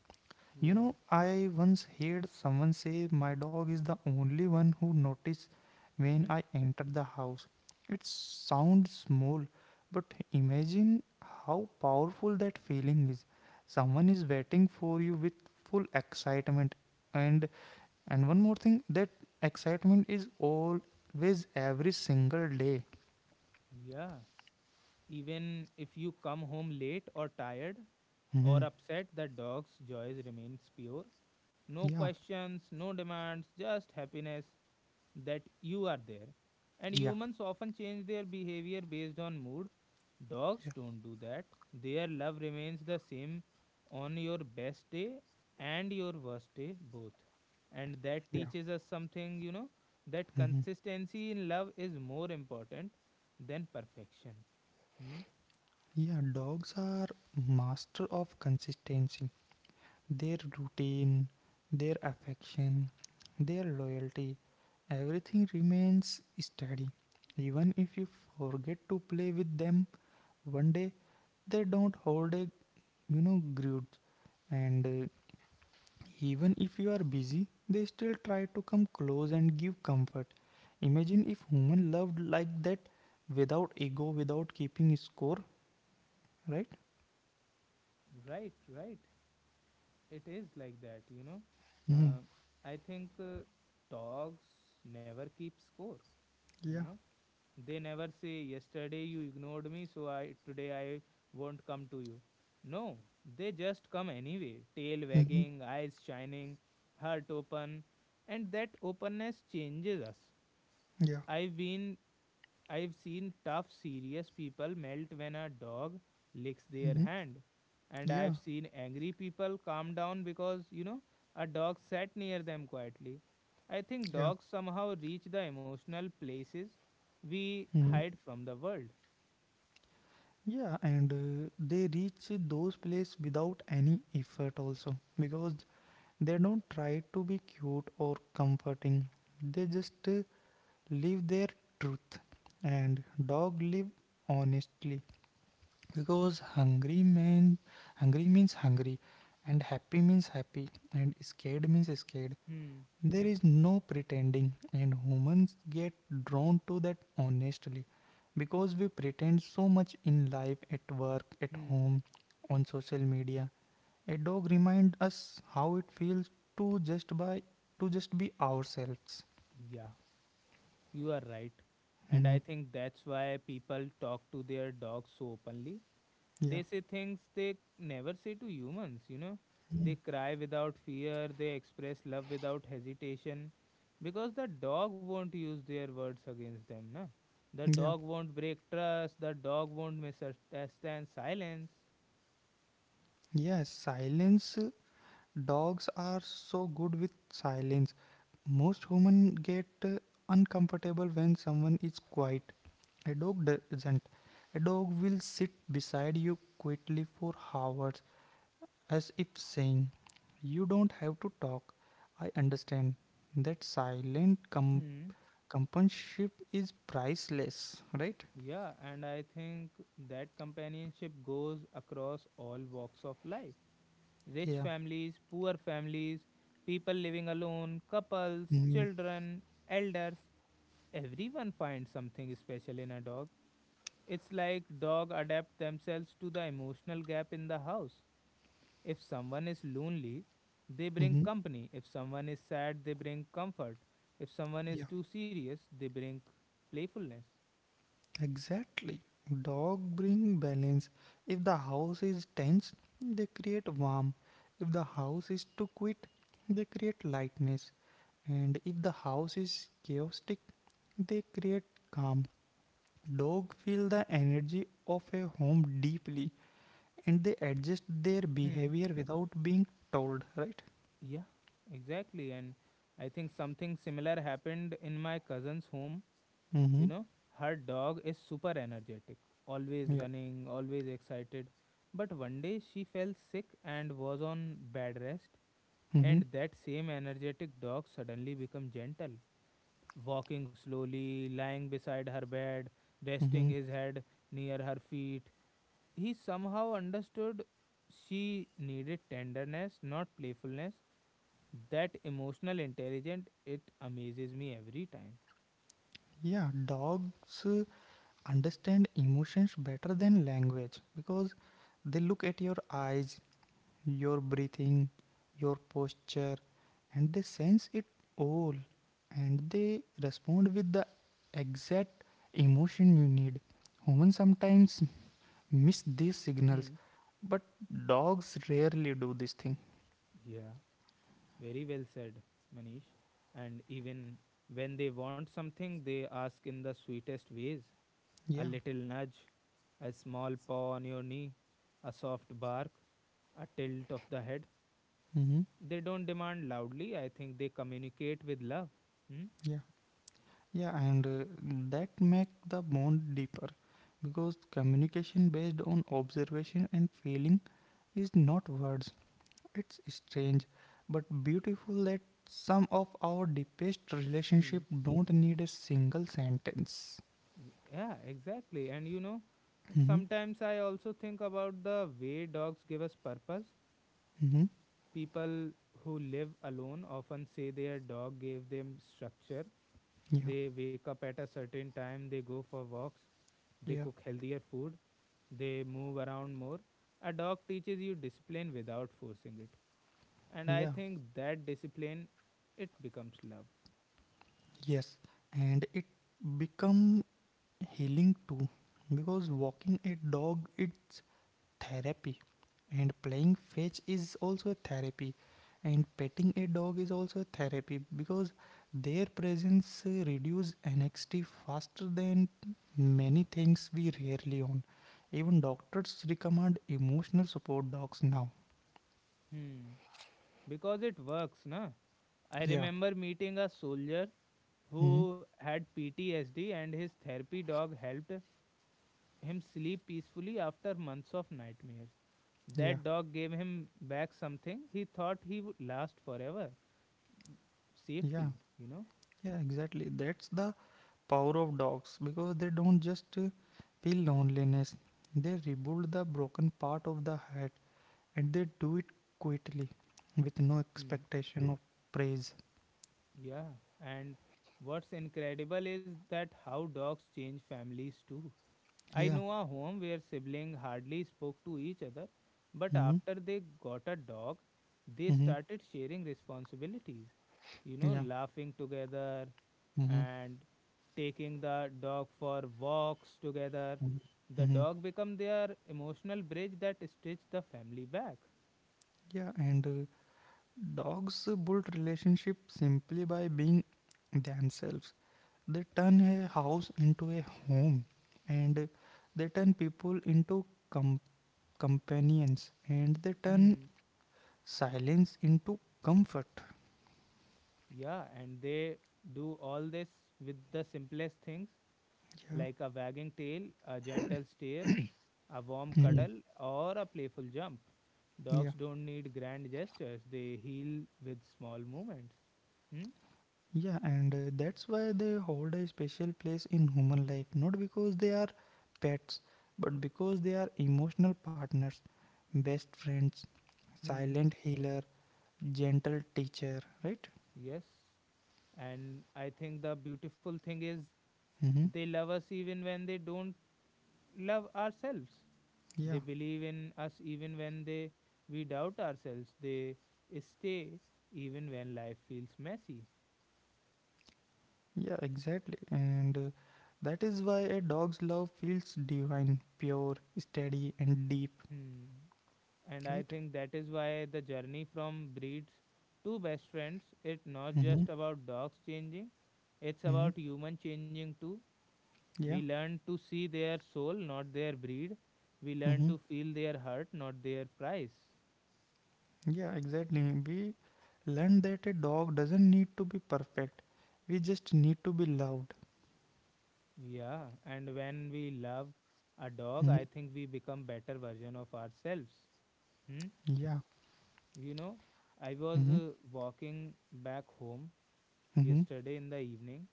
Speaker 2: You
Speaker 1: Yeah.
Speaker 2: know, I once heard someone say my dog is the only one who notices when
Speaker 1: Hmm.
Speaker 2: I enter the house. It sounds small, but imagine how powerful that feeling is. Someone is waiting for you with full excitement, and and one more thing, that excitement is always every single day.
Speaker 1: Yeah. Even if you come home late or tired or
Speaker 2: Mhm.
Speaker 1: upset, the dog's joys remains pure. No
Speaker 2: Yeah,
Speaker 1: questions, no demands, just happiness that you are there. And
Speaker 2: yeah,
Speaker 1: humans often change their behavior based on mood. Dogs
Speaker 2: yeah,
Speaker 1: don't do that. Their love remains the same on your best day and your worst day, both. And that
Speaker 2: yeah.
Speaker 1: teaches us something, that
Speaker 2: Mhm.
Speaker 1: consistency in love is more important than perfection. Hmm?
Speaker 2: Yeah, dogs are master of consistency. Their routine, their affection, their loyalty, everything remains steady. Even if you forget to play with them one day, they don't hold a, you know, grudge. And even if you are busy, they still try to come close and give comfort. Imagine if human loved like that, without ego, without keeping score, right?
Speaker 1: Right, right. It is like that, you know.
Speaker 2: Mhm.
Speaker 1: Uh, I think dogs never keep score, you
Speaker 2: Yeah.
Speaker 1: know. They never say, "Yesterday you ignored me, so I today I won't come to you." No, they just come anyway, tail
Speaker 2: hmm
Speaker 1: wagging, eyes shining, heart open, and that openness changes us.
Speaker 2: Yeah.
Speaker 1: I've been I've seen tough, serious people melt when a dog licks their
Speaker 2: hmm
Speaker 1: hand. And
Speaker 2: Yeah.
Speaker 1: I've seen angry people calm down because, a dog sat near them quietly. I think
Speaker 2: Yeah.
Speaker 1: dogs somehow reach the emotional places we
Speaker 2: Mhm.
Speaker 1: hide from the world.
Speaker 2: Yeah, and they reach those places without any effort, also, because they don't try to be cute or comforting, they just live their truth. And dog live honestly because hungry means hungry, and happy means happy, and scared means scared.
Speaker 1: Hmm,
Speaker 2: There is no pretending, and humans get drawn to that honestly because we pretend so much in life, at work, at
Speaker 1: hmm.
Speaker 2: home, on social media. A dog reminds us how it feels to just by to just be ourselves.
Speaker 1: Yeah, you are right. And I
Speaker 2: Mhm.
Speaker 1: think that's why people talk to their dogs so openly.
Speaker 2: Yeah,
Speaker 1: They say things they never say to humans, you know. They cry without fear, they express love without hesitation because the dog won't use their words against them, na. The
Speaker 2: yeah,
Speaker 1: dog won't break trust, the dog won't misunderstand silence.
Speaker 2: yes. Silence. Dogs are so good with silence. Most humans get uncomfortable when someone is quiet. A dog doesn't. A dog will sit beside you quietly for hours, as if saying, "You don't have to talk. I understand." That
Speaker 1: Hmm.
Speaker 2: companionship is priceless, right?
Speaker 1: Yeah, and I think that companionship goes across all walks of life. Rich
Speaker 2: Yeah.
Speaker 1: families, poor families, people living alone, couples,
Speaker 2: Mm-hmm.
Speaker 1: children, elders. Everyone finds something special in a dog. It's like dog adapt themselves to the emotional gap in the house. If someone is lonely, they bring company. If someone is sad, they bring comfort. If someone is
Speaker 2: Yeah.
Speaker 1: too serious, they bring playfulness.
Speaker 2: Exactly. Dog bring balance. If the house is tense, they create warmth. If the house is too quiet, they create lightness. And if the house is chaotic, they create calm. Dogs feel the energy of a home deeply and they adjust their
Speaker 1: Hmm.
Speaker 2: behavior without being told, right?
Speaker 1: Yeah, exactly. And I think something similar happened in my cousin's home. You
Speaker 2: Mm-hmm.
Speaker 1: know, her dog is super energetic, always
Speaker 2: Yeah.
Speaker 1: running, always excited. But one day she fell sick and was on bed rest,
Speaker 2: Mm-hmm.
Speaker 1: and that same energetic dog suddenly became gentle, walking slowly, lying beside her bed, resting
Speaker 2: Mm-hmm.
Speaker 1: his head near her feet. He somehow understood she needed tenderness, not playfulness. That emotional intelligence, it amazes me every time.
Speaker 2: Yeah, dogs understand emotions better than language because they look at your eyes, your breathing, your posture, and they sense it all, and they respond with the exact emotion you need. Humans sometimes miss these signals,
Speaker 1: Hmm.
Speaker 2: but dogs rarely do this thing.
Speaker 1: Yeah. Very well said, Manish. And even when they want something, they ask in the sweetest ways: a
Speaker 2: Yeah.
Speaker 1: little nudge, a small paw on your knee, a soft bark, a tilt of the head.
Speaker 2: Mm-hmm.
Speaker 1: They don't demand loudly. I think they communicate with love. Hmm?
Speaker 2: Yeah. Yeah, and that make the bond deeper because communication based on observation and feeling is not words. It's strange but beautiful that some of our deepest relationship
Speaker 1: Hmm.
Speaker 2: don't need a single sentence.
Speaker 1: Yeah, exactly. And
Speaker 2: Mm-hmm.
Speaker 1: sometimes I also think about the way dogs give us purpose.
Speaker 2: Mm-hmm.
Speaker 1: People who live alone often say their dog gave them structure.
Speaker 2: Yeah.
Speaker 1: They wake up at a certain time, they go for walks, they
Speaker 2: Yeah.
Speaker 1: cook healthier food, they move around more. A dog teaches you discipline without forcing it. And I
Speaker 2: Yeah.
Speaker 1: think that discipline it becomes love.
Speaker 2: Yes. And it become healing too because walking a dog it therapy, and playing fetch is also a therapy, and petting a dog is also a therapy because their presence reduce anxiety faster than many things we rarely own. Even doctors recommend emotional support dogs now.
Speaker 1: Hmm. Because it works, na? I
Speaker 2: Yeah.
Speaker 1: remember meeting a soldier
Speaker 2: hmm
Speaker 1: who had PTSD and his therapy dog helped him sleep peacefully after months of nightmares.
Speaker 2: yeah.
Speaker 1: That dog gave him back something he thought he would last forever,
Speaker 2: Yeah,
Speaker 1: safety, you know.
Speaker 2: yeah, exactly, that's the power of dogs, because they don't just feel loneliness, they rebuild the broken part of the heart, and they do it quietly, with no
Speaker 1: Mm,
Speaker 2: expectation of praise.
Speaker 1: yeah, and what's incredible is that how dogs change families too. I
Speaker 2: Yeah.
Speaker 1: know a home where siblings hardly spoke to each other, but
Speaker 2: Mm-hmm.
Speaker 1: after they got a dog, they
Speaker 2: Mm-hmm.
Speaker 1: started sharing responsibilities. You know,
Speaker 2: Yeah.
Speaker 1: laughing together
Speaker 2: Mm-hmm.
Speaker 1: and taking the dog for walks together.
Speaker 2: Mm-hmm.
Speaker 1: The
Speaker 2: Mm-hmm.
Speaker 1: dog become their emotional bridge that stitched the family back.
Speaker 2: Yeah, and dogs build relationship simply by being themselves. They turn a house into a home, and they turn people into com- companions, and they turn
Speaker 1: Hmm.
Speaker 2: silence into comfort.
Speaker 1: Yeah, and they do all this with the simplest things,
Speaker 2: Yeah.
Speaker 1: like a wagging tail, a gentle stare, a warm
Speaker 2: Mhm.
Speaker 1: cuddle, or a playful jump.
Speaker 2: Yeah.
Speaker 1: Dogs don't need grand gestures, they heal with small movements. Hmm?
Speaker 2: Yeah, and that's why they hold a special place in human life, not because they are pets, but because they are emotional partners, best friends,
Speaker 1: Hmm.
Speaker 2: silent healer, gentle teacher, right?
Speaker 1: Yes. And I think the beautiful thing is
Speaker 2: Mm-hmm.
Speaker 1: they love us even when they don't love ourselves.
Speaker 2: Yeah,
Speaker 1: They believe in us even when they we doubt ourselves. They stay even when life feels messy.
Speaker 2: yeah, exactly. And that is why a dog's love feels divine, pure, steady, and deep,
Speaker 1: Hmm. And I
Speaker 2: right?
Speaker 1: think that is why the journey from breeds to best friends, it's not
Speaker 2: Mm-hmm.
Speaker 1: just about dogs changing, it's
Speaker 2: Mm-hmm.
Speaker 1: about human changing too. We
Speaker 2: Yeah.
Speaker 1: learn to see their soul, not their breed. We learn
Speaker 2: Mm-hmm.
Speaker 1: to feel their hurt, not their price.
Speaker 2: Yeah, exactly. We learn that a dog doesn't need to be perfect. We just need to be loved.
Speaker 1: Yeah, and when we love a dog, I
Speaker 2: Mhm.
Speaker 1: think we become better version of ourselves. Hmm?
Speaker 2: Yeah.
Speaker 1: you know I was
Speaker 2: Mhm.
Speaker 1: walking back home
Speaker 2: Mhm.
Speaker 1: yesterday in the evening,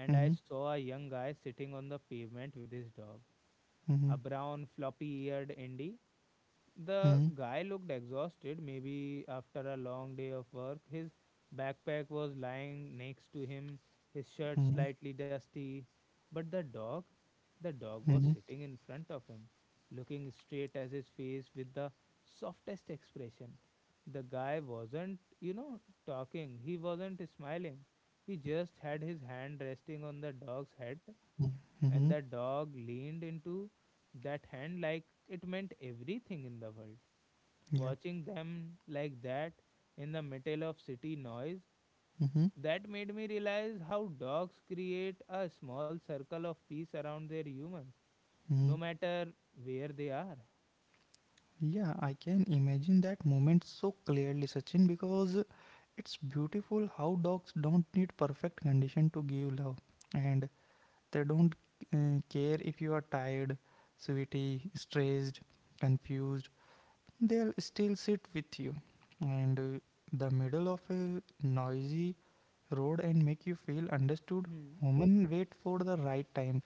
Speaker 1: and I
Speaker 2: Mhm.
Speaker 1: saw a young guy sitting on the pavement with his dog, a
Speaker 2: Mhm.
Speaker 1: brown, floppy eared indie. The
Speaker 2: Mhm.
Speaker 1: guy looked exhausted, maybe after a long day of work. His backpack was lying next to him, his shirt
Speaker 2: Mhm.
Speaker 1: slightly dusty. But the dog was
Speaker 2: Mhm.
Speaker 1: sitting in front of him, looking straight at his face with the softest expression. The guy wasn't, talking, he wasn't smiling. He just had his hand resting on the dog's head,
Speaker 2: Mhm.
Speaker 1: and the
Speaker 2: Mhm.
Speaker 1: dog leaned into that hand like it meant everything in the world.
Speaker 2: Yeah.
Speaker 1: Watching them like that in the middle of city noise,
Speaker 2: Mhm.
Speaker 1: that made me realize how dogs create a small circle of peace around their humans no
Speaker 2: Mhm.
Speaker 1: matter where they are.
Speaker 2: Yeah, I can imagine that moment so clearly, Sachin, because it's beautiful how dogs don't need perfect condition to give love, and they don't care if you are tired, sweaty, stressed, confused. They'll still sit with you and the middle of a noisy road and make you feel understood.
Speaker 1: Hmm.
Speaker 2: Human wait for the right time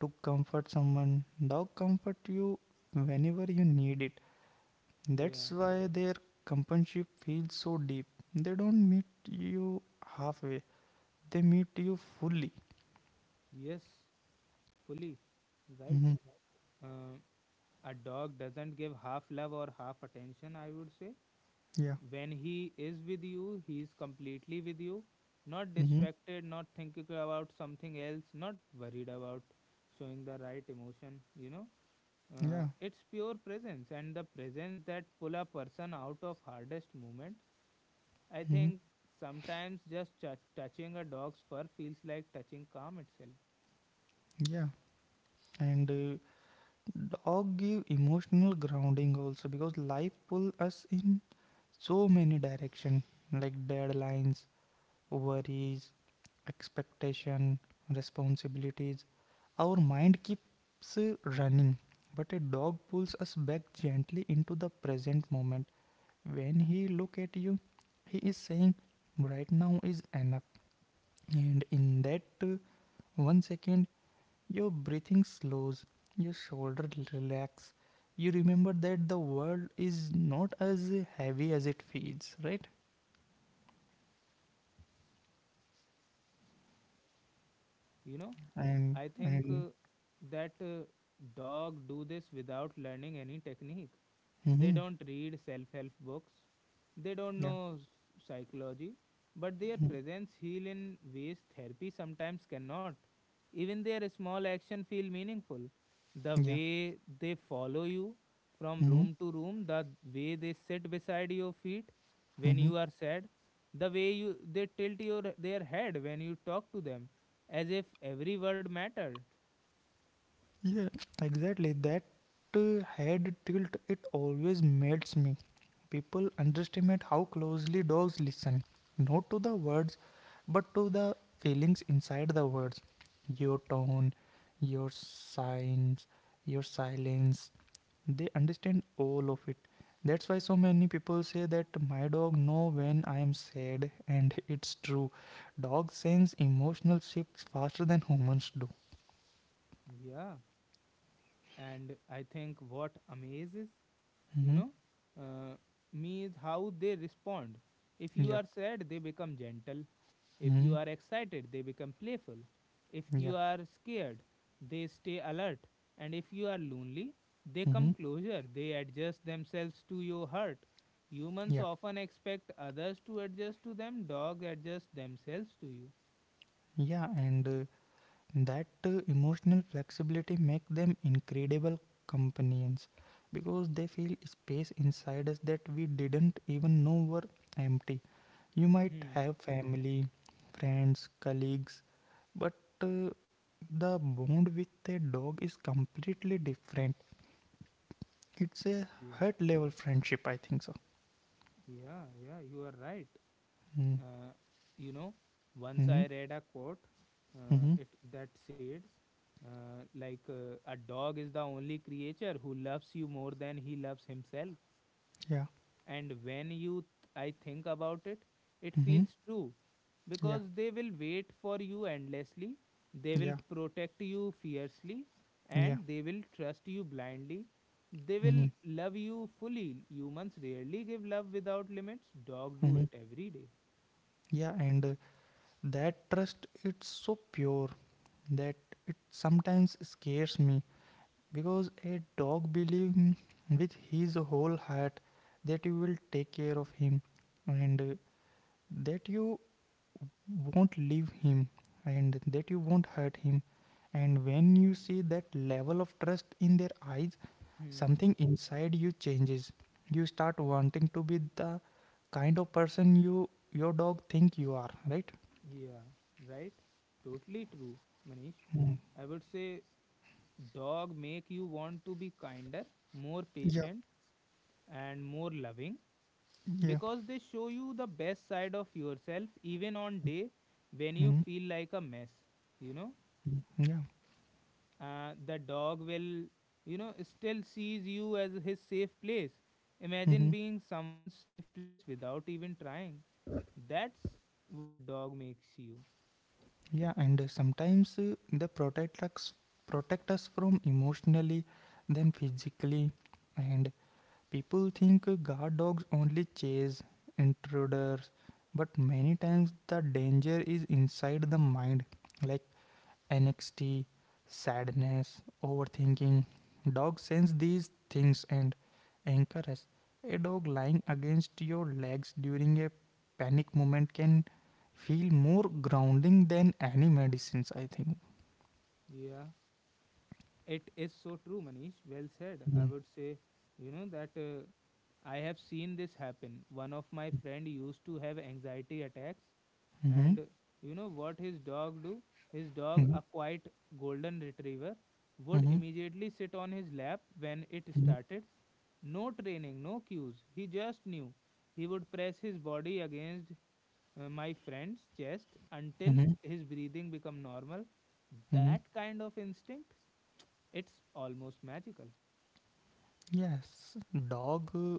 Speaker 2: to comfort someone, dog comfort you whenever you need it.
Speaker 1: Yeah,
Speaker 2: That's why their companionship feels so deep: they don't meet you halfway, they meet you fully.
Speaker 1: yes, fully right.
Speaker 2: Hmm
Speaker 1: Uh, a dog doesn't give half love or half attention, I would say.
Speaker 2: yeah.
Speaker 1: When he is with you, he is completely with you, not
Speaker 2: hmm
Speaker 1: distracted, not thinking about something else, not worried about showing the right emotion, you know.
Speaker 2: yeah.
Speaker 1: It's pure presence and the presence that pull a person out of hardest moments I
Speaker 2: hmm
Speaker 1: think sometimes just touching a dog's fur feels like touching calm itself.
Speaker 2: yeah. And dog give emotional grounding also because life pull us in so many direction, like deadlines, worries, expectation, responsibilities. Our mind keeps running, but a dog pulls us back gently into the present moment. When he look at you, he is saying, "Right now is enough," and in that uh, 1 second your breathing slows, your shoulder relax. You remember that the world is not as heavy as it feels, right?
Speaker 1: You know,
Speaker 2: And
Speaker 1: I think uh,
Speaker 2: and
Speaker 1: that uh, dog do this without learning any technique. They
Speaker 2: Mm-hmm,
Speaker 1: don't read self help books, they don't
Speaker 2: yeah,
Speaker 1: know psychology, but their
Speaker 2: mhm,
Speaker 1: presence heal in ways therapy sometimes cannot. Even their small action feel meaningful. The
Speaker 2: yeah,
Speaker 1: way they follow you from
Speaker 2: mm-hmm,
Speaker 1: room to room, the way they sit beside your feet when
Speaker 2: mm-hmm,
Speaker 1: you are sad, the way you they tilt your their head when you talk to them, as if every word mattered.
Speaker 2: yeah, exactly. That head tilt it always melts me. People underestimate how closely dogs listen, not to the words, but to the feelings inside the words. Your tone, your signs, your silence, they understand all of it. That's why so many people say that my dog know when I am sad, and *laughs* it's true, dogs sense emotional shifts faster than humans do.
Speaker 1: Yeah, and I think what amazes you
Speaker 2: Hmm
Speaker 1: know uh, means how they respond. If you
Speaker 2: yeah.
Speaker 1: are sad they become gentle, if
Speaker 2: hmm
Speaker 1: you are excited they become playful, if you
Speaker 2: yeah.
Speaker 1: are scared they stay alert, and if you are lonely they
Speaker 2: hmm
Speaker 1: come closer, they adjust themselves to your hurt. Humans
Speaker 2: yeah.
Speaker 1: often expect others to adjust to them, dogs adjust themselves to you.
Speaker 2: Yeah, and that emotional flexibility make them incredible companions because they feel space inside us that we didn't even know were empty. You might
Speaker 1: Hmm.
Speaker 2: have family, friends, colleagues, but uh, the bond with a dog is completely different. It's a
Speaker 1: yeah
Speaker 2: heart level friendship, I think so.
Speaker 1: yeah, you are right.
Speaker 2: Mm
Speaker 1: uh, you know, once
Speaker 2: mm
Speaker 1: I read a quote,
Speaker 2: mm
Speaker 1: it that said, a dog is the only creature who loves you more than he loves himself.
Speaker 2: yeah
Speaker 1: And when I think about it, it
Speaker 2: mm
Speaker 1: feels true,
Speaker 2: yeah.
Speaker 1: because they will wait for you endlessly, they will
Speaker 2: Yeah.
Speaker 1: protect you fiercely,
Speaker 2: yeah
Speaker 1: and they will trust you blindly, they will
Speaker 2: mm
Speaker 1: love you fully. Humans rarely give love without limits, dog do
Speaker 2: mm
Speaker 1: it every day.
Speaker 2: yeah, and that trust, it's so pure that it sometimes scares me because a dog believes, with his whole heart, that you will take care of him, and that you won't leave him, and that you won't hurt him. And when you see that level of trust in their eyes,
Speaker 1: Hmm.
Speaker 2: something inside you changes. You start wanting to be the kind of person your dog think you are, right?
Speaker 1: Yeah, right? Totally true, Manish.
Speaker 2: Mm.
Speaker 1: I would say dog make you want to be kinder, more
Speaker 2: Yeah,
Speaker 1: patient and more loving,
Speaker 2: yeah,
Speaker 1: because they show you the best side of yourself even on day when you
Speaker 2: mm
Speaker 1: feel like a mess, you know?
Speaker 2: yeah.
Speaker 1: The dog will, you know, still sees you as his safe place. Imagine
Speaker 2: hmm
Speaker 1: being someone's safe place without even trying. That's what dog makes you.
Speaker 2: yeah. And sometimes they protect us from emotionally, then physically, and people think guard dogs only chase intruders, but many times the danger is inside the mind, like anxiety, sadness, overthinking. Dogs sense these things and anchor us. A dog lying against your legs during a panic moment can feel more grounding than any medicines, I think.
Speaker 1: Yeah. It is so true, Manish. Well said. I
Speaker 2: Mm.
Speaker 1: would say, you know, that I have seen this happen. One of my friend used to have anxiety attacks,
Speaker 2: Mhm.
Speaker 1: and you know what his dog do? His dog,
Speaker 2: Mhm.
Speaker 1: a quiet golden retriever, would
Speaker 2: Mhm.
Speaker 1: immediately sit on his lap when it
Speaker 2: Mhm.
Speaker 1: started. No training, no cues. He just knew. He would press his body against my friend's chest until
Speaker 2: Mhm.
Speaker 1: his breathing become normal. That
Speaker 2: Mhm.
Speaker 1: kind of instinct, it's almost magical.
Speaker 2: Yes, dog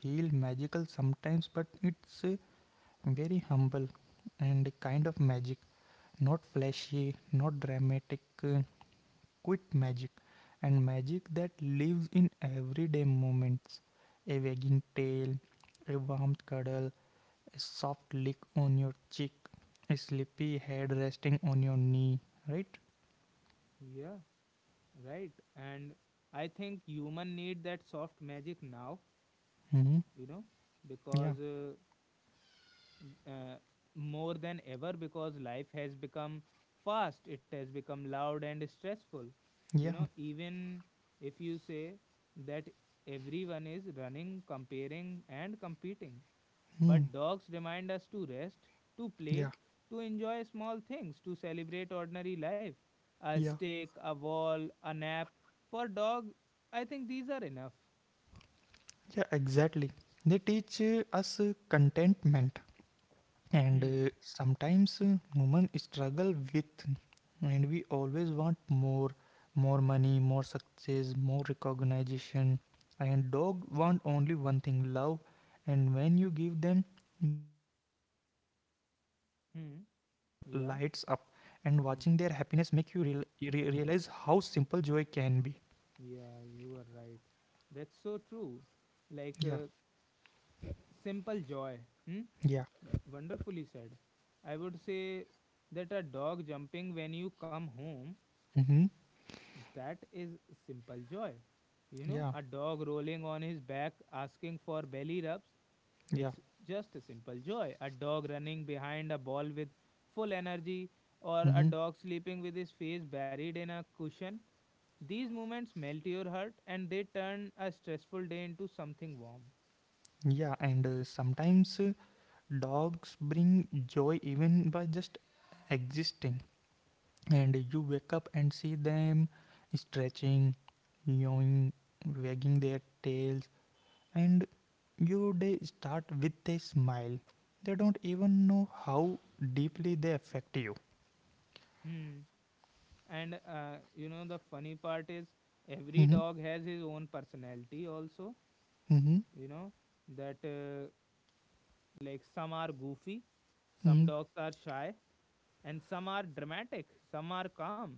Speaker 2: feel magical sometimes, but it's very humble and kind of magic, not flashy, not dramatic, quit magic, and magic that lives in everyday moments. A wagging tail, a warm cuddle, a soft lick on your cheek, a sleepy head resting on your knee, right?
Speaker 1: Yeah, right. And I think human need that soft magic now,
Speaker 2: Mm hmm.
Speaker 1: you know,
Speaker 2: Yeah,
Speaker 1: because uh, more than ever, because life has become fast, it has become loud and stressful. You
Speaker 2: yeah,
Speaker 1: know, even if you say that everyone is running, comparing and competing.
Speaker 2: hmm,
Speaker 1: But dogs remind us to rest, to play,
Speaker 2: yeah,
Speaker 1: to enjoy small things, to celebrate ordinary life. A
Speaker 2: yeah,
Speaker 1: stick, a wall, a nap. For dog, I think these are enough.
Speaker 2: yeah, exactly. They teach us contentment, and
Speaker 1: Hmm.
Speaker 2: sometimes women struggle with, and we always want more, more money, more success, more recognition, and dog want only one thing, love. And when you give them that, their whole world lights
Speaker 1: Hmm.
Speaker 2: up, and
Speaker 1: Yeah.
Speaker 2: watching their happiness make you
Speaker 1: Hmm.
Speaker 2: realize how simple joy can be.
Speaker 1: Yeah, you are right. That's so true. Like
Speaker 2: Yeah,
Speaker 1: simple joy. Hmm?
Speaker 2: yeah,
Speaker 1: Wonderfully said. I would say that a dog jumping when you come home,
Speaker 2: mm-hmm.
Speaker 1: that is simple joy. You know,
Speaker 2: Yeah,
Speaker 1: a dog rolling on his back asking for belly rubs,
Speaker 2: yeah,
Speaker 1: it's just a simple joy. A dog running behind a ball with full energy, or a
Speaker 2: mm-hmm.
Speaker 1: dog sleeping with his face buried in a cushion. These moments melt your heart and they turn a stressful day into something warm.
Speaker 2: Yeah, and sometimes dogs bring joy even by just existing. And you wake up and see them stretching, yawning, wagging their tails, and your day start with a smile. They don't even know how deeply they affect you.
Speaker 1: Hmm. And you know, the funny part is every
Speaker 2: Hmm.
Speaker 1: dog has his own personality, also.
Speaker 2: Hmm.
Speaker 1: You know, that like some are goofy, some
Speaker 2: Hmm.
Speaker 1: dogs are shy, and some are dramatic, some are calm,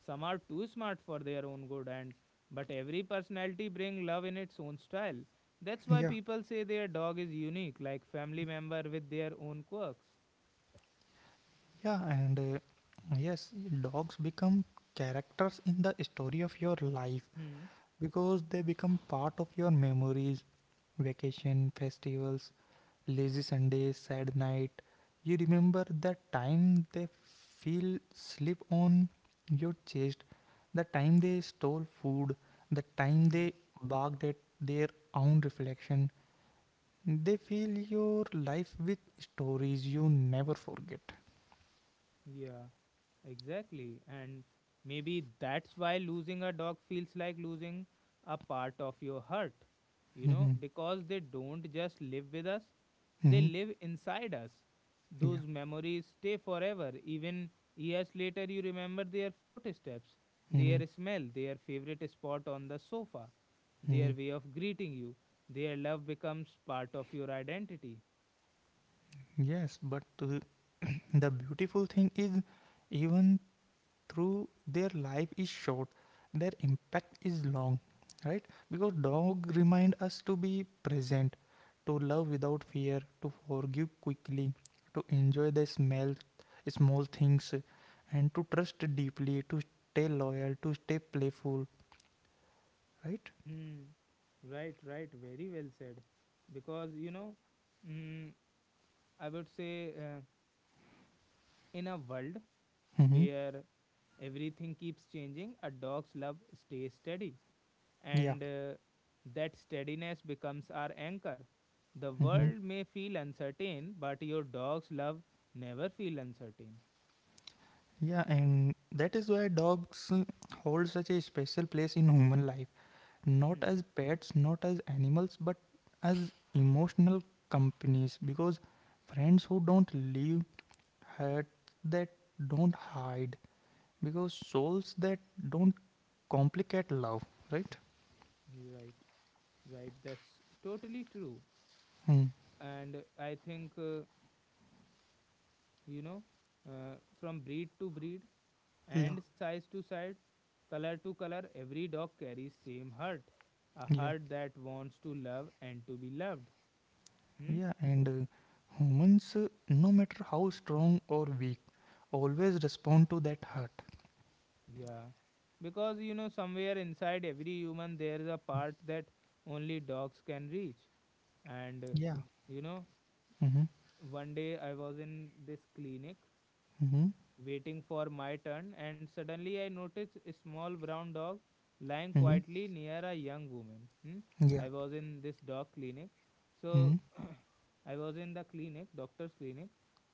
Speaker 1: some are too smart for their own good, and but every personality bring love in its own style. That's why
Speaker 2: Yeah,
Speaker 1: people say their dog is unique, like family member with their own quirks.
Speaker 2: yeah, and yes, dogs become characters in the story of your life,
Speaker 1: Hmm.
Speaker 2: because they become part of your memories, vacation, festivals, lazy Sundays, sad night. You remember that time they feel slip on your chest, the time they stole food, the time they
Speaker 1: Hmm.
Speaker 2: barked at their own reflection. They fill your life with stories you never forget.
Speaker 1: Yeah. Exactly. And maybe that's why losing a dog feels like losing a part of your heart, you know,
Speaker 2: Mhm.
Speaker 1: because they don't just live with us, they
Speaker 2: Mhm.
Speaker 1: live inside us.
Speaker 2: Yeah.
Speaker 1: Those memories stay forever. Even years later, you remember their footsteps, their
Speaker 2: Mhm.
Speaker 1: smell, their favorite spot on the sofa, their
Speaker 2: Mhm.
Speaker 1: way of greeting you. Their love becomes part of your identity.
Speaker 2: Yes, but *clears throat* the beautiful thing is, even through their life is short, their impact is long, right? Because dog remind us to be present, to love without fear, to forgive quickly, to enjoy the smell small things, and to trust deeply, to stay loyal, to stay playful, right?
Speaker 1: Hmm. Right, right. Very well said. Because, you know, mm, I would say in a world
Speaker 2: Mm-hmm.
Speaker 1: where everything keeps changing, a dog's love stays steady.
Speaker 2: Yeah.
Speaker 1: And that steadiness becomes our anchor. The
Speaker 2: Mm-hmm.
Speaker 1: world may feel uncertain, but your dog's love never feel uncertain.
Speaker 2: Yeah, and that is why dogs hold such a special place in human life, not
Speaker 1: Hmm.
Speaker 2: as pets, not as animals, but as emotional companies. Because friends who don't leave, hurt that don't hide, because souls that don't complicate love, right?
Speaker 1: You're right. Right. That's totally true.
Speaker 2: Hmm.
Speaker 1: And I think, you know, from breed to breed,
Speaker 2: Yeah.
Speaker 1: and size to side, color to color, every dog carries same heart, a
Speaker 2: Yeah,
Speaker 1: heart that wants to love and to be loved. Hmm?
Speaker 2: yeah, and humans, no matter how strong or weak, always respond to that hurt.
Speaker 1: Yeah. Because you know somewhere inside every human there is a part that only dogs can reach. And
Speaker 2: Yeah.
Speaker 1: you know,
Speaker 2: Mm-hmm.
Speaker 1: one day I was in this clinic
Speaker 2: Mm-hmm.
Speaker 1: waiting for my turn and suddenly I noticed a small brown dog lying
Speaker 2: Mm-hmm.
Speaker 1: quietly near a young woman. Hmm?
Speaker 2: Yeah.
Speaker 1: I was in this dog clinic. So
Speaker 2: Mm-hmm.
Speaker 1: I was in the clinic, doctor's clinic.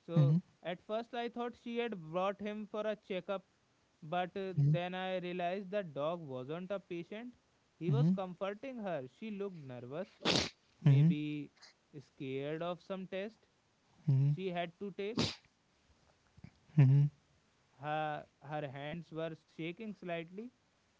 Speaker 1: So
Speaker 2: Mm-hmm.
Speaker 1: at first I thought she had brought him for a checkup, but then I realized the dog wasn't a patient. He was
Speaker 2: Mm-hmm.
Speaker 1: comforting her. She looked nervous,
Speaker 2: Mm-hmm.
Speaker 1: maybe scared of some test
Speaker 2: Mm-hmm.
Speaker 1: she had to take.
Speaker 2: Mm-hmm.
Speaker 1: Her hands were shaking slightly.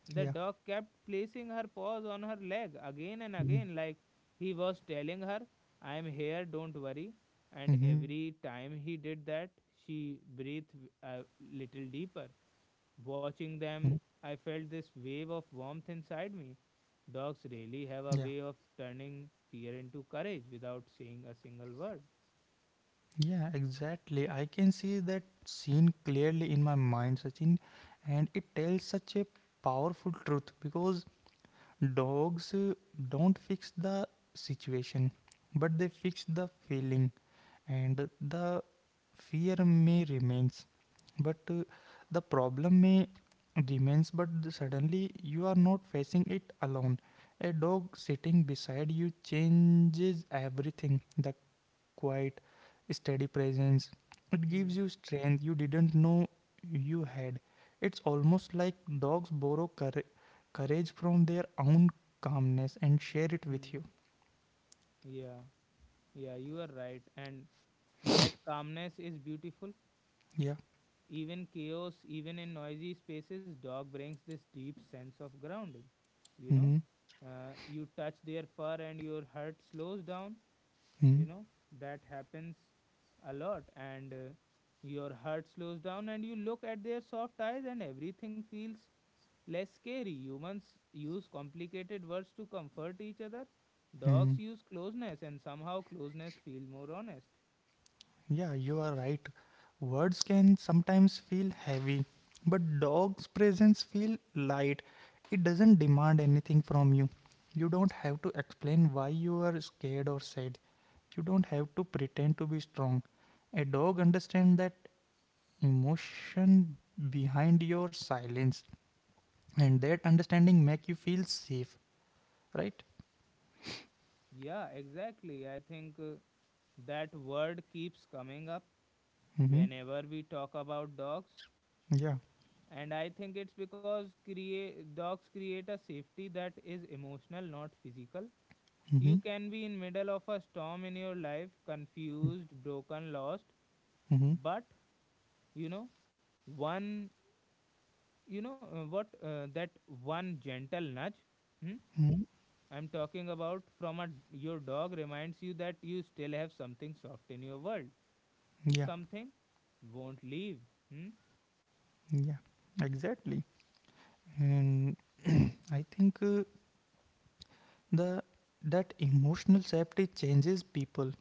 Speaker 1: The
Speaker 2: Yeah.
Speaker 1: dog kept placing her paws on her leg again and again, like he was telling her, I am here, don't worry. And
Speaker 2: Mm-hmm.
Speaker 1: every time he did that, she breathed a little deeper.
Speaker 2: Hmm.
Speaker 1: Watching them, I felt this wave of warmth inside me. Dogs really have a
Speaker 2: Yeah.
Speaker 1: way of turning fear into courage without saying a single word.
Speaker 2: Yeah, exactly. I can see that scene clearly in my mind, Sachin, and it tells such a powerful truth because dogs don't fix the situation, but they fix the feeling, and the fear may remains, but the problem may remains. But suddenly you are not facing it alone. A dog sitting beside you changes everything. The quiet, steady presence. It gives
Speaker 1: Hmm.
Speaker 2: you strength you didn't know you had. It's almost like dogs borrow courage from their own calmness and share it with
Speaker 1: Hmm.
Speaker 2: you.
Speaker 1: Yeah, yeah, you are right. And that calmness is beautiful.
Speaker 2: Yeah.
Speaker 1: Even chaos, even in noisy spaces, dog brings this deep sense of grounding. You know,
Speaker 2: Mm-hmm.
Speaker 1: you touch their fur and your heart slows down. You know, that happens a lot. And your heart slows down and you look at their soft eyes and everything feels less scary. Humans use complicated words to comfort each other. Dogs
Speaker 2: Mm-hmm.
Speaker 1: use closeness and somehow closeness feels more honest.
Speaker 2: Yeah, you are right. Words can sometimes feel heavy, but dog's presence feel light. It doesn't demand anything from you. You don't have to explain why you are scared or sad. You don't have to pretend to be strong. A dog understands that emotion behind your silence, and that understanding make you feel safe, right?
Speaker 1: Yeah, exactly. I think that word keeps coming up
Speaker 2: Mm-hmm.
Speaker 1: whenever we talk about dogs.
Speaker 2: Yeah.
Speaker 1: And I think it's because create dogs create a safety that is emotional, not physical.
Speaker 2: Mm-hmm.
Speaker 1: You can be in middle of a storm in your life, confused, broken, lost,
Speaker 2: Mm-hmm.
Speaker 1: but you know one, you know what that one gentle nudge. Hmm?
Speaker 2: Mm-hmm.
Speaker 1: I'm talking about from a your dog reminds you that you still have something soft in your world,
Speaker 2: Yeah.
Speaker 1: something won't leave. Hmm?
Speaker 2: Yeah. Exactly. And I think the that emotional safety changes people,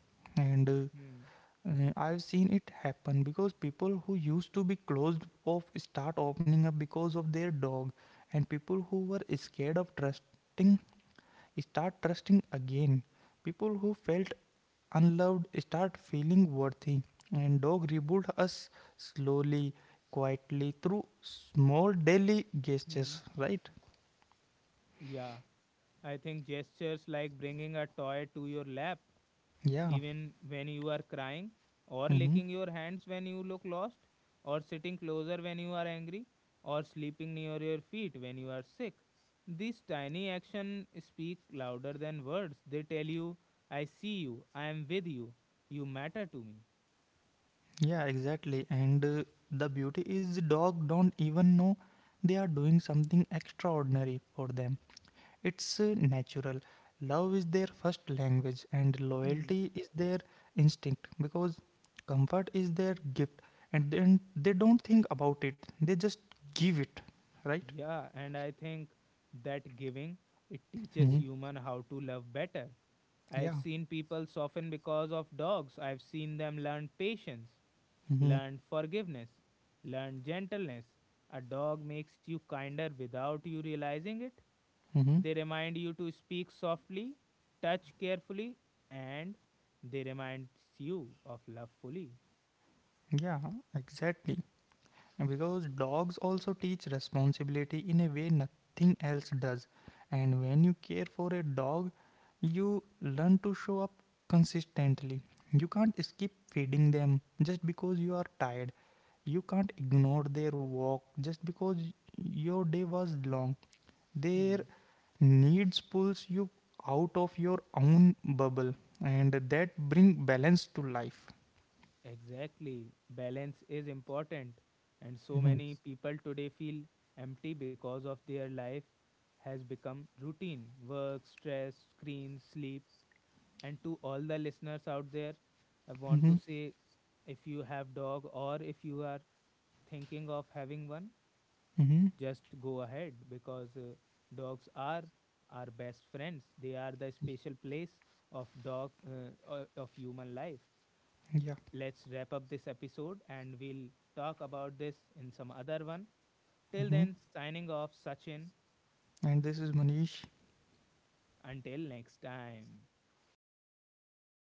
Speaker 2: and
Speaker 1: Hmm.
Speaker 2: I've seen it happen because people who used to be closed off start opening up because of their dog, and people who were scared of trusting start trusting again. People who felt unloved start feeling worthy, and dog rebuild us slowly, quietly through small daily gestures.
Speaker 1: Hmm.
Speaker 2: Right?
Speaker 1: Yeah, I think gestures like bringing a toy to your lap,
Speaker 2: Yeah.
Speaker 1: even when you are crying, or
Speaker 2: Mm-hmm.
Speaker 1: licking your hands when you look lost, or sitting closer when you are angry, or sleeping near your feet when you are sick. These tiny actions speak louder than words. They tell you, I see you, I am with you, you matter to
Speaker 2: Yeah, exactly. And the beauty is dog don't even know they are doing something extraordinary for them. It's natural. Love is their first language, and
Speaker 1: me.
Speaker 2: loyalty is their instinct, because comfort is their gift, and then they don't think about it, they just give it, right?
Speaker 1: Yeah, and I think that giving it teaches
Speaker 2: Hmm.
Speaker 1: human how to love better. I've
Speaker 2: Yeah.
Speaker 1: seen people soften because of dogs. I've seen them learn patience,
Speaker 2: Hmm.
Speaker 1: learn forgiveness, learn gentleness. A dog makes you kinder without you realizing it.
Speaker 2: Hmm.
Speaker 1: They remind you to speak softly, touch carefully, and they remind you of love fully.
Speaker 2: Yeah, exactly. Because dogs also teach responsibility in a way nothing else does, and when you care for a dog, you learn to show up consistently. You can't skip feeding them just because you are tired. You can't ignore their walk just because your day was long. Their
Speaker 1: Hmm.
Speaker 2: needs pulls you out of your own bubble, and that bring balance to life.
Speaker 1: Exactly. Balance is important. And so
Speaker 2: Hmm.
Speaker 1: many people today feel empty because of their life has become routine work, stress, screens, sleep. And to all the listeners out there, I want
Speaker 2: Hmm.
Speaker 1: to say, if you have dog or if you are thinking of having one,
Speaker 2: Hmm.
Speaker 1: just go ahead because dogs are our best friends. They are the special place of dog of human life.
Speaker 2: Yeah.
Speaker 1: Let's wrap up this episode and we'll talk about this in some other one. Till
Speaker 2: Mm-hmm.
Speaker 1: then, signing off, Sachin.
Speaker 2: And this is Manish.
Speaker 1: Until next time.